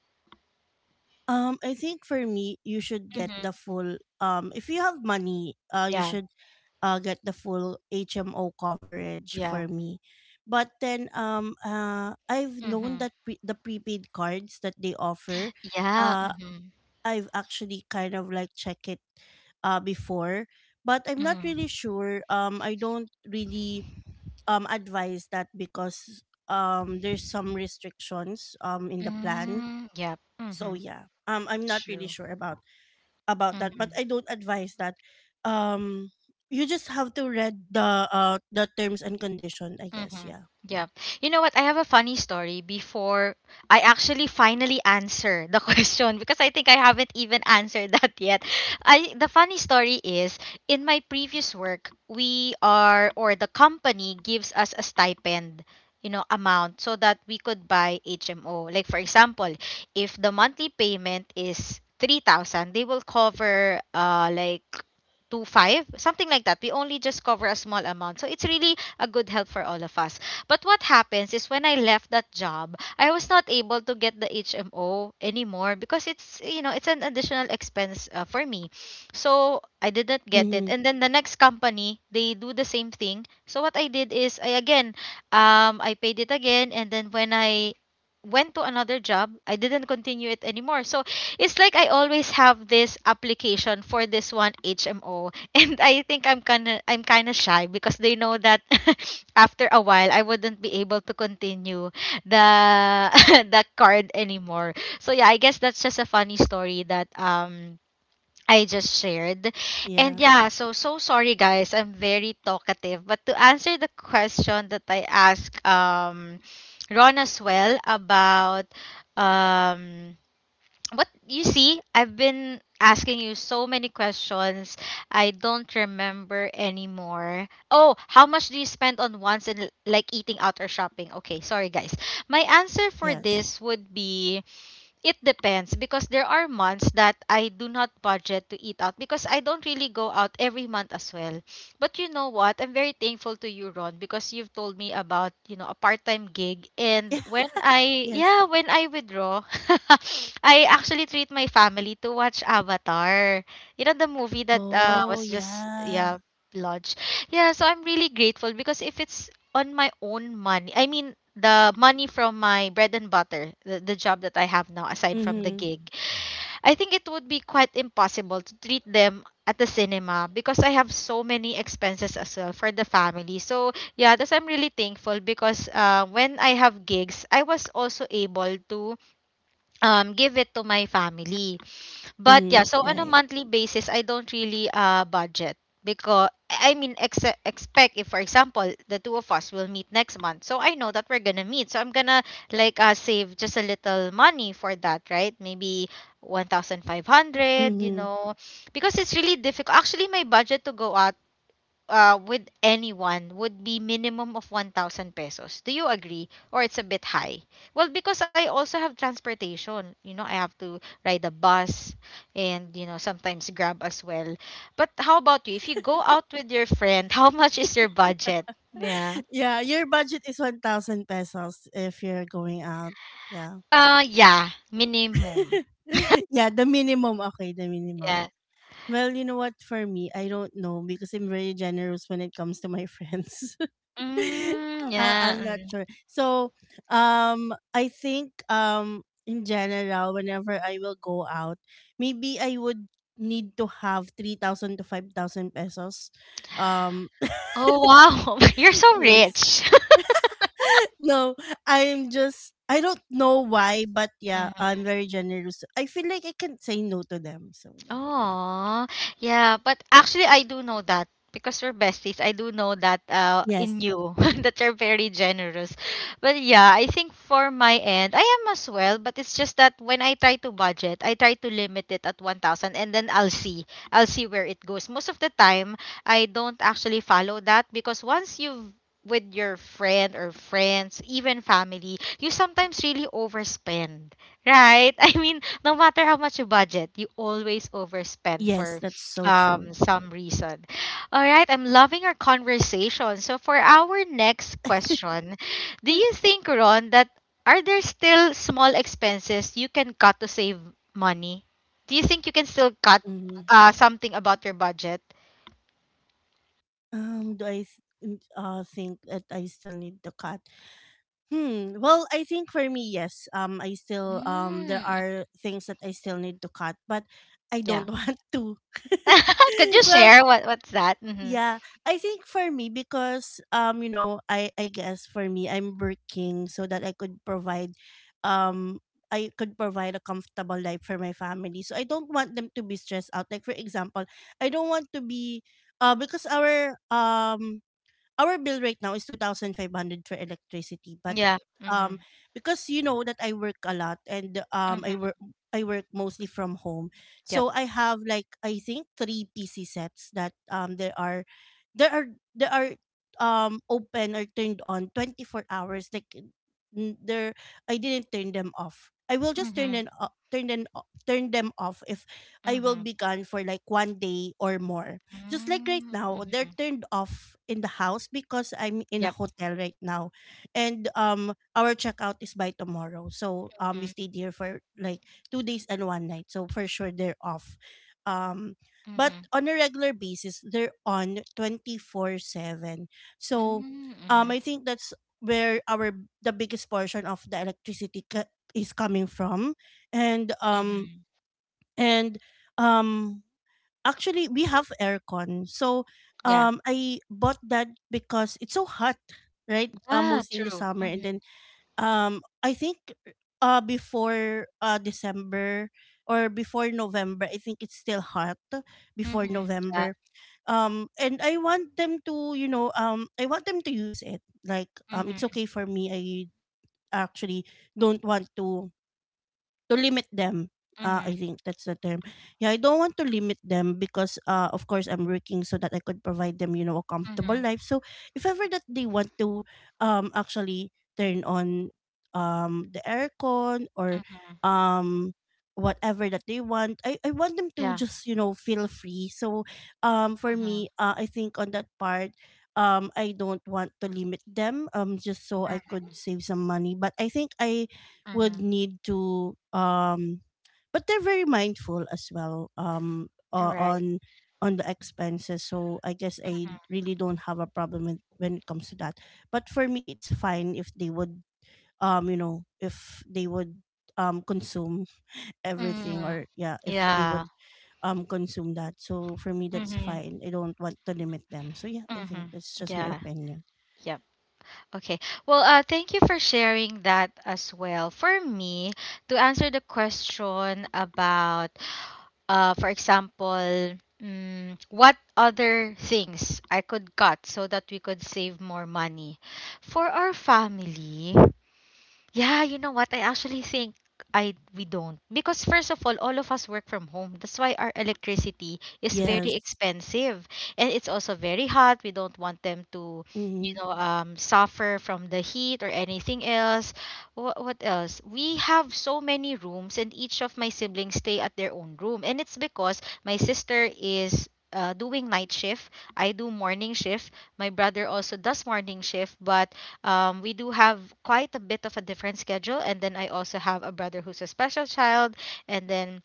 Um, I think for me, you should get the Mm-hmm. full. Um, if you have money, uh, you Yeah, should uh get the full H M O coverage yeah. for me. But then um uh I've known Mm-hmm. that, pre- the prepaid cards that they offer, Yeah. uh Mm-hmm. I've actually kind of like check it uh before, but I'm not really Mm-hmm. sure. Um, I don't really um advise that because um there's some restrictions um in the plan. Mm, yep. So Mm-hmm. yeah. Um I'm not really True. sure about about that, but Mm-hmm. I don't advise that. um you just have to read the, uh the terms and condition, I guess. Mm-hmm. Yeah. Yeah. You know what? I have a funny story before I actually finally answer the [LAUGHS] question because I think I haven't even answered [LAUGHS] that yet. I the funny story is in my previous work, we are or the company gives us a stipend, you know, amount so that we could buy H M O. Like for example, if the monthly payment is three thousand, they will cover uh like two five, something like that. We only just cover a small amount, so it's really a good help for all of us. But what happens is when I left that job, I was not able to get the H M O anymore because it's, you know, it's an additional expense uh, for me. So I didn't get it. Mm-hmm. And then the next company, they do the same thing. So what I did is I again um I paid it again, and then when I went to another job, I didn't continue it anymore. So it's like I always have this application for this one H M O, [LAUGHS] and I think I'm kind of I'm kind of shy because they know that [LAUGHS] after a while I wouldn't be able to continue the [LAUGHS] the card anymore. So yeah, I guess that's just a funny story that um I just shared. And Yeah. yeah, so so sorry guys. I'm very talkative, but to answer the question that I asked um Ron as well about, um what you see, I've been asking you so many questions, I don't remember anymore. Oh, how much do you spend on wants and like eating out or shopping? Okay, sorry guys, my answer for Yes. this would be it depends, because there are months that I do not budget to eat out because I don't really go out every month as well. But you know what? I'm very thankful to you, Ron, because you've told me about, you know, a part-time gig. Yeah. And when I, Yes. yeah, when I withdraw, [LAUGHS] I actually treat my family to watch Avatar. You know, the movie that uh, Oh was just, yeah. yeah, launched. Yeah, so I'm really grateful, because if it's on my own money, I mean, the money from my bread and butter, the, the job that I have now aside from the Mm-hmm. gig, I think it would be quite impossible to treat them at the cinema because I have so many expenses as well for the family. So yeah, that's, I'm really thankful because uh, when I have gigs, I was also able to um give it to my family. But yeah, Mm-hmm. so on a Right. monthly basis, I don't really uh budget because I mean ex- expect if for example the two of us will meet next month. So I know that we're gonna meet. So I'm gonna like uh save just a little money for that, right? Maybe one thousand five hundred, you Mm-hmm. know, because it's really difficult. Actually, my budget to go out uh, with anyone would be minimum of one thousand pesos. Do you agree? Or it's a bit high? Well, because I also have transportation. You know, I have to ride a bus and, you know, sometimes grab as well. But how about you? If you go out with your friend, [LAUGHS] how much is your budget? Yeah. [LAUGHS] Yeah, your budget is one thousand pesos if you're going out. Yeah. Uh, yeah. Minimum. [LAUGHS] Yeah, the minimum. Okay, the minimum. Yeah. Well, you know what? For me, I don't know because I'm very generous when it comes to my friends. [LAUGHS] Mm, I- yeah. I'm not Mm. sure. So, um, I think um, in general, whenever I will go out, maybe I would need to have three thousand to five thousand pesos. Um, [CLEARS THROAT] Oh, wow. [LAUGHS] You're [LAUGHS] so yes. rich. [LAUGHS] No, I'm just, I don't know why, but yeah, [LAUGHS] I'm very generous. I feel like I can't say no to them. So yeah. Oh yeah, but actually I do know that because we're besties. I do know that uh Yes. in you [LAUGHS] that you're very generous. But yeah, I think for my end, I am as well, but it's just that when I try to budget, I try to limit it at one thousand and then I'll see. I'll see where it goes. Most of the time, I don't actually follow that because once you've with your friend or friends, even family, you sometimes really overspend, right? [LAUGHS] I mean, no matter how much you budget, you always overspend Yes, for that's so um, true. some reason. All right, I'm loving our conversation. So, for our next [LAUGHS] question, do you think, Ron, that are there still small expenses you can cut to save money? Do you think you can still cut Mhm. uh, something about your budget? Um, do I th- n- uh, think that I still need the cut? Hmm. Well, I think for me, yes. Um, I still, um, there Mm, are things that I still need to cut, but I yeah. don't [LAUGHS] want to. [LAUGHS] [LAUGHS] Could you Well, share what what's that? Mm-hmm. yeah, I think for me because um you know, I I guess for me I'm working so that I could provide, um I could provide a comfortable life for my family. So I don't want them to be stressed out. Like for example, I don't want to be, uh because our um our bill right now is two thousand five hundred for electricity, but Yeah. Mm-hmm. um because you know that I work a lot and um I work Mm-hmm. I work mostly from home. Yep. So I have like I think three P C sets that um there are there are there are um open or turned on twenty-four hours. Like n- there, I didn't turn them off, I will just turn Mm-hmm. them o- turn them o- turn them off if I will Mm-hmm. be gone for like one day or more. Just like right now they're Mm-hmm. turned off in the house because I'm in Yep. a hotel right now. And um our checkout is by tomorrow, so um we stayed here for like two days and one night, so for sure they're off. um but Mhm. on a regular basis they're on twenty-four seven. So Mm, um mhm, I think that's where our, the biggest portion of the electricity ca- is coming from. And um mhm. and um Actually, we have aircon. So, Yeah. um, I bought that because it's so hot, right? Uh, Yeah, mostly in the true. summer, and then Mhm, um, I think uh before uh December or before November, I think it's still hot before mhm. Yeah. November. Um, and I want them to, you know, um, I want them to use it. Like, um, it's Mhm, okay for me. I actually don't want to to limit them. Uh, I mhm, think that's the term. Yeah, I don't want to limit them because, uh, of course, I'm working so that I could provide them, you know, a comfortable mhm. life. So if ever that they want to, um, actually turn on, um, the aircon, or um, whatever that they want, I I want them to Yeah. just you know feel free. So, um, for Mhm, me, uh, I think on that part, um I don't want to limit them um just so I mm, could save some money, but I think I would mhm. need to, um but they're very mindful as well, um You're o- right. on on the expenses, so I guess I Mhm. really don't have a problem with, when it comes to that. But for me it's fine if they would, um you know, if they would um consume everything, Mm. or yeah, if they Yeah. would um consume that. So for me that's Mhm, fine. I don't want to limit them. So yeah, I think mhm. that's just my Yeah. opinion. Yep. Okay. Well, uh, thank you for sharing that as well. For me, to answer the question about, uh, for example, mm, what other things I could cut so that we could save more money for our family. Yeah, you know what? I actually think I we don't. Because first of all, all of us work from home. That's why our electricity is Yes. very expensive and it's also very hot. We don't want them to, you Mm-hmm. know, um suffer from the heat or anything else. What what else? We have so many rooms and each of my siblings stay at their own room. And it's because my sister is uh, doing night shift. I do morning shift. My brother also does morning shift, but um, we do have quite a bit of a different schedule, and then I also have a brother who's a special child, and then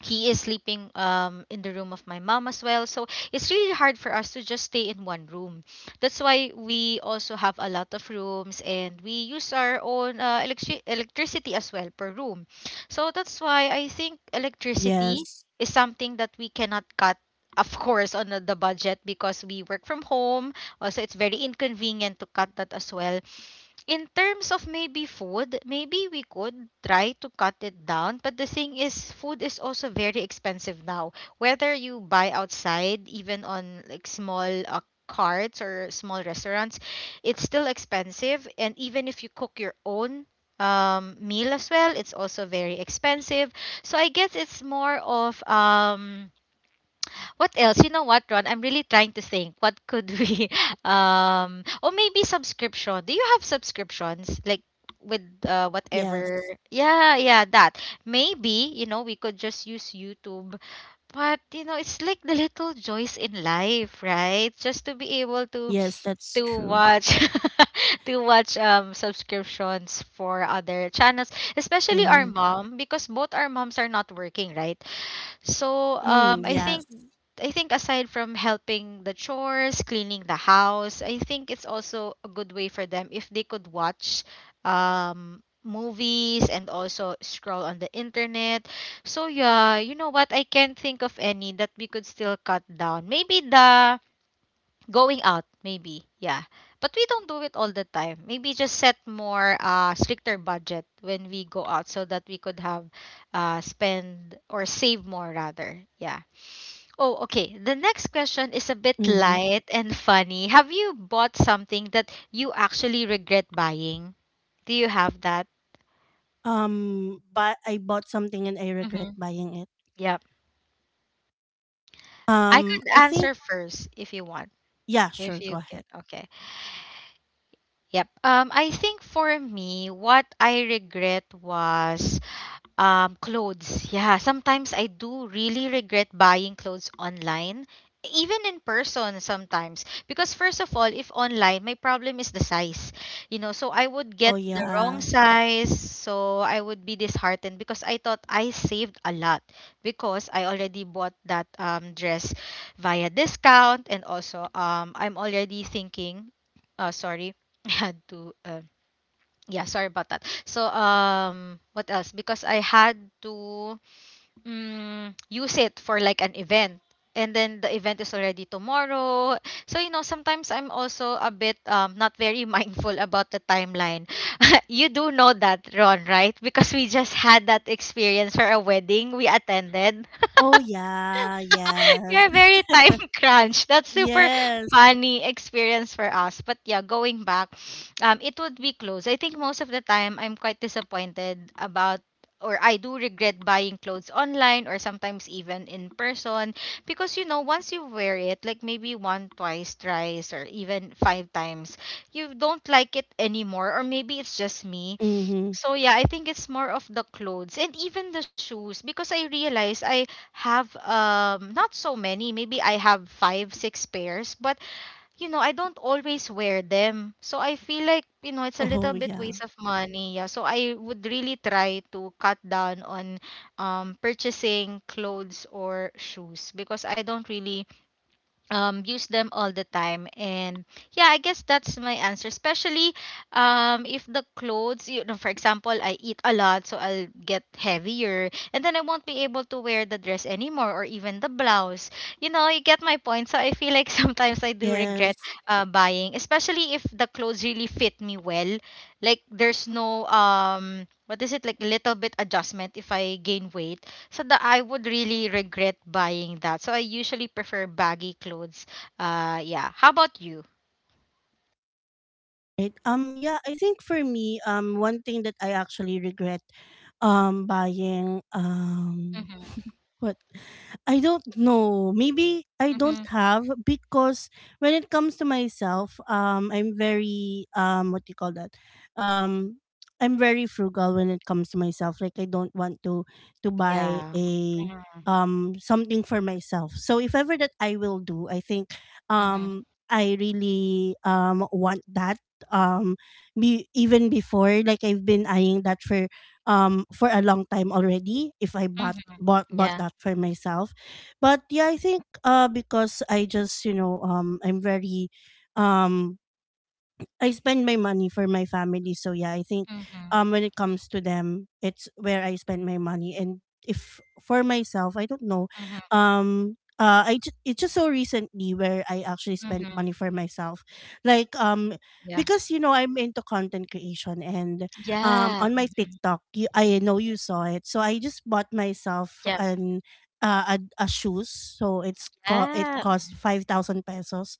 he is sleeping um, in the room of my mom as well. So it's really hard for us to just stay in one room. That's why we also have a lot of rooms, and we use our own uh, electri- electricity as well per room. So that's why I think electricity Yes. is something that we cannot cut. Of course, on the the budget, because we work from home, also it's very inconvenient to cut that as well. In terms of maybe food, maybe we could try to cut it down. But the thing is, food is also very expensive now. Whether you buy outside, even on like small uh, carts or small restaurants, it's still expensive. And even if you cook your own um, meal as well, it's also very expensive. So I guess it's more of um what else? You know what, Ron? I'm really trying to think. What could we [LAUGHS] um or maybe subscription. Do you have subscriptions? Like with uh whatever. Yes. Yeah yeah that maybe, you know, we could just use YouTube, but you know it's like the little joys in life, right? Just to be able to Yes, that's to true. watch [LAUGHS] to watch um subscriptions for other channels, especially our Mm-hmm. mom because both our moms are not working, right? So Mm, um, I think yes. I think aside from helping the chores, cleaning the house, I think it's also a good way for them if they could watch um, movies and also scroll on the internet. So yeah, you know what? I can't think of any that we could still cut down. Maybe the going out, maybe, yeah. But we don't do it all the time. Maybe just set more uh stricter budget when we go out so that we could have uh spend or save more rather. Yeah. Oh, okay. The next question is a bit Mm-hmm. light and funny. Have you bought something that you actually regret buying? Do you have that? Um, but I bought something and I regret Mm-hmm. buying it. Yep. I Um, could I think, answer first if you want. yeah, If sure, go you can. ahead. Okay. Yep. Um, I think for me, what I regret was Um, clothes. Yeah, sometimes I do really regret buying clothes online, even in person sometimes. Because first of all, if online, my problem is the size. You know, so I would Oh get the wrong yeah. size, so I would be disheartened because I thought I saved a lot because I already bought that um dress via discount and also um I'm already thinking, uh sorry, [LAUGHS] I had to um yeah, sorry about that. So, um, what else? Because I had to mm, use it for like an event. And then the event is already tomorrow. So, you know, sometimes I'm also a bit um, not very [LAUGHS] mindful about the timeline. [LAUGHS] You do know that, Ron, right? Because we just had that experience for a wedding we attended. Oh yeah, [LAUGHS] yes. You're very time [LAUGHS] [LAUGHS] crunch. That's super Yes. funny experience for us. But yeah, going back, um, it would be clothes. I think most of the time I'm quite disappointed about or I do regret buying clothes online or sometimes even in person because you know once you wear it like maybe one twice thrice or even five times you don't like it anymore or maybe it's just me. Mm-hmm. So yeah, I think it's more of the clothes and even the shoes because I realize I have um not so many. Maybe I have five six pairs, but you know I don't always wear them, so I feel like you know it's a Oh little bit yeah. waste of money. Yeah, so I would really try to cut down on um purchasing clothes or shoes because I don't really um use them all the time. And yeah, I guess that's my answer. Especially um if the clothes, you know, for example, I eat a lot, so I'll get heavier and then I won't be able to wear the dress anymore or even the blouse. You know, you get my point. So I feel like [LAUGHS] sometimes I do regret Yes. uh, buying, especially if the clothes really fit me well, like there's no um what is it, like little bit adjustment if I gain weight, so that I would really regret buying that. So I usually prefer baggy clothes. Uh yeah. How about you? Right. Um yeah, I think for me, um one thing that I actually regret um buying, um Mm-hmm. what? I don't know. Maybe I don't Mm-hmm. have because when it comes to myself, um, I'm very, um, what do you call that? Um, I'm very frugal when it comes to myself. Like I don't want to to buy Yeah. a, Mm-hmm. um something for myself. So if ever that I will do, I think Mm-hmm. um I really um want that, um be even before, like I've been eyeing that for, um, for a long time already, if I bought Mm-hmm. bought bought Yeah. that for myself. But yeah, I think uh, because I just you know, um, I'm very, um I spend my money for my family. So yeah, I think Mm-hmm. um when it comes to them, it's where I spend my money. And if for myself, I don't know. Mm-hmm. Um uh I ju- it's just so recently where I actually spent money Mm-hmm. for myself. Like um Yeah. because you know I'm into content creation and um Yeah. on my TikTok, you, I know you saw it. So I just bought myself Yeah. an uh, a, a shoes, so it's, co- it Yeah. cost five thousand pesos.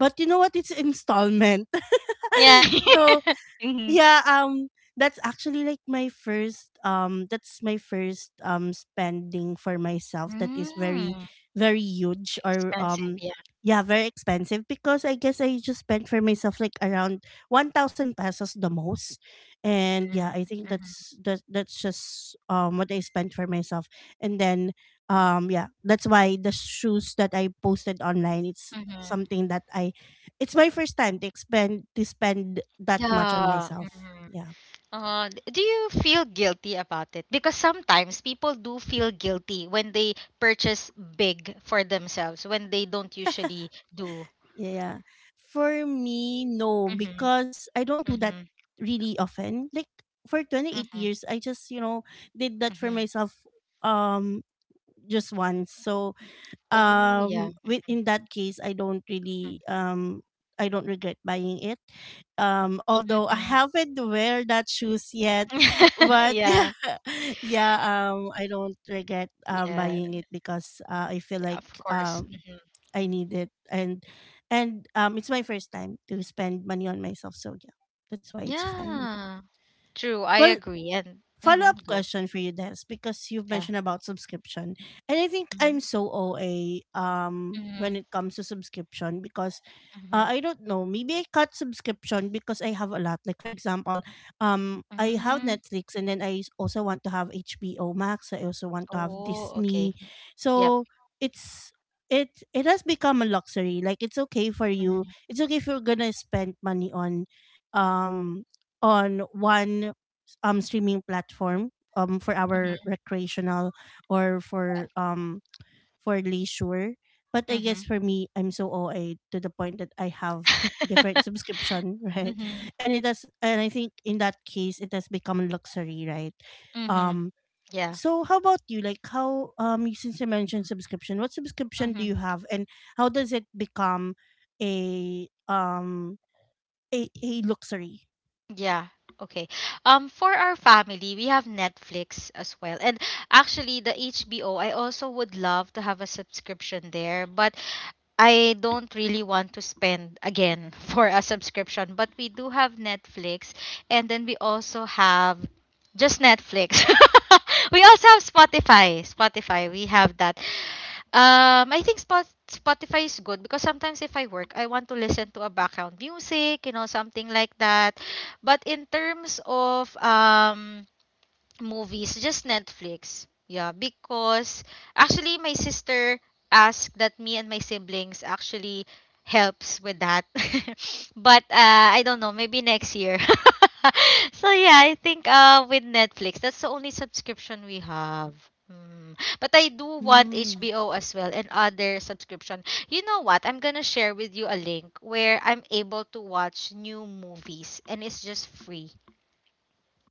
But you know what? It's installment. Yeah. [LAUGHS] So [LAUGHS] Mhm. Mm. yeah, um, that's actually like my first, um, that's my first um spending for myself that is very, very huge or, Expensive, um, yeah. yeah, very expensive. Because I guess I just spent for myself like around one thousand pesos the most. And yeah, I think Mm-hmm. that's, that that's just um what I spent for myself. And then um yeah, that's why the shoes that I posted online, it's Mm-hmm. something that I, it's my first time to spend to spend that much on Yeah. myself. Mm-hmm. Yeah. Uh, d- do you feel guilty about it? Because sometimes people do feel guilty when they purchase big for themselves when they don't usually do. Yeah. For me, no, Mm-hmm, because I don't do that mm-hmm, really often. Like for twenty-eight mm-hmm, years, I just, you know, did that for mm-hmm. myself um just once. So Oh, yeah. um with in that case I don't really, um I don't regret buying it. um although I Mm-hmm. haven't wear that shoes yet. [LAUGHS] [LAUGHS] But Yeah, yeah. [LAUGHS] Yeah. um I don't regret um yeah, buying it because, uh, I feel yeah, like of course. um Mm-hmm. I need it. And and um it's my first time to spend money on myself, so yeah, that's why it's fine. Yeah, true. I Well, agree. And follow mm-hmm, up go. question for you, Des, because you've Yeah. mentioned about subscription, and I think Mm-hmm, I'm so O A um mm-hmm, when it comes to subscription because, uh, mm-hmm. I don't know, maybe I cut subscription because I have a lot. Like for example, um I have Mm-hmm. Netflix, and then I s- also want to have H B O Max. I also want to have Oh, okay. Disney, Yep. so it's. It, it has become a luxury. Like, it's okay for you, Mm-hmm, it's okay if you're gonna spend money on, um on one um streaming platform um for our mm-hmm, recreational, or for um for leisure. But I guess for me, I'm so O A to the point that I have different subscription, [LAUGHS] right? mm-hmm. [LAUGHS] And it has, and I think in that case, it has become a luxury, right? Mm-hmm. Um. Yeah. So how about you? Like, how um you- since you mentioned subscription, what subscription do Mm-hmm. you have, and how does it become a, um a, a luxury? Yeah. Okay. Um, for our family, we have Netflix as well. And actually, the H B O, I also would love to have a subscription there, but I don't really want to spend again [LAUGHS] for a subscription. But we do have Netflix, and then we also have just Netflix. [LAUGHS] We also have Spotify. Spotify, we have that. Um, I think Spot Spotify is good because sometimes if I work, I want to listen to a background music, you know, something like that. But in terms of um movies, just Netflix. Yeah, because actually my sister asked that me and my siblings actually helps with that. [LAUGHS] But uh, I don't know, maybe next year. [LAUGHS] So yeah, I think uh with Netflix, that's the only subscription we have. Mm. But I do want Mm. H B O as well and other subscription. You know what? I'm gonna share with you a link where I'm able to watch new movies and it's just free.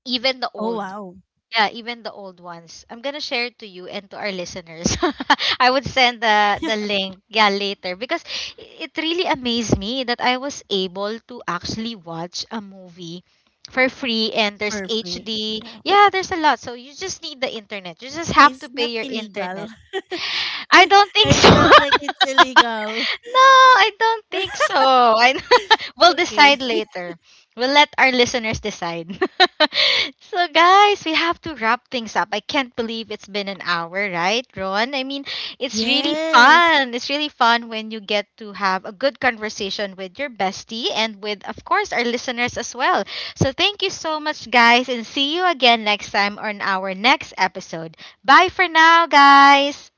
Even the Oh old. wow, Yeah, even the old ones. I'm gonna share it to you and to our listeners. [LAUGHS] I would send the the link, yeah, later because it really amazed me that I was able to actually watch a movie for free and there's for free. H D. Yeah. Yeah, there's a lot. So you just need the internet. You just have Is to that pay your illegal? internet. [LAUGHS] I don't think I so. felt [LAUGHS] like it's illegal. [LAUGHS] No, I don't think so. I [LAUGHS] we'll Okay. decide later. We'll let our listeners decide. [LAUGHS] So guys, we have to wrap things up. I can't believe it's been an hour, right, Ron? I mean, it's really Yes. fun. It's really fun when you get to have a good conversation with your bestie and with of course our listeners as well. So thank you so much guys and see you again next time on our next episode. Bye for now, guys.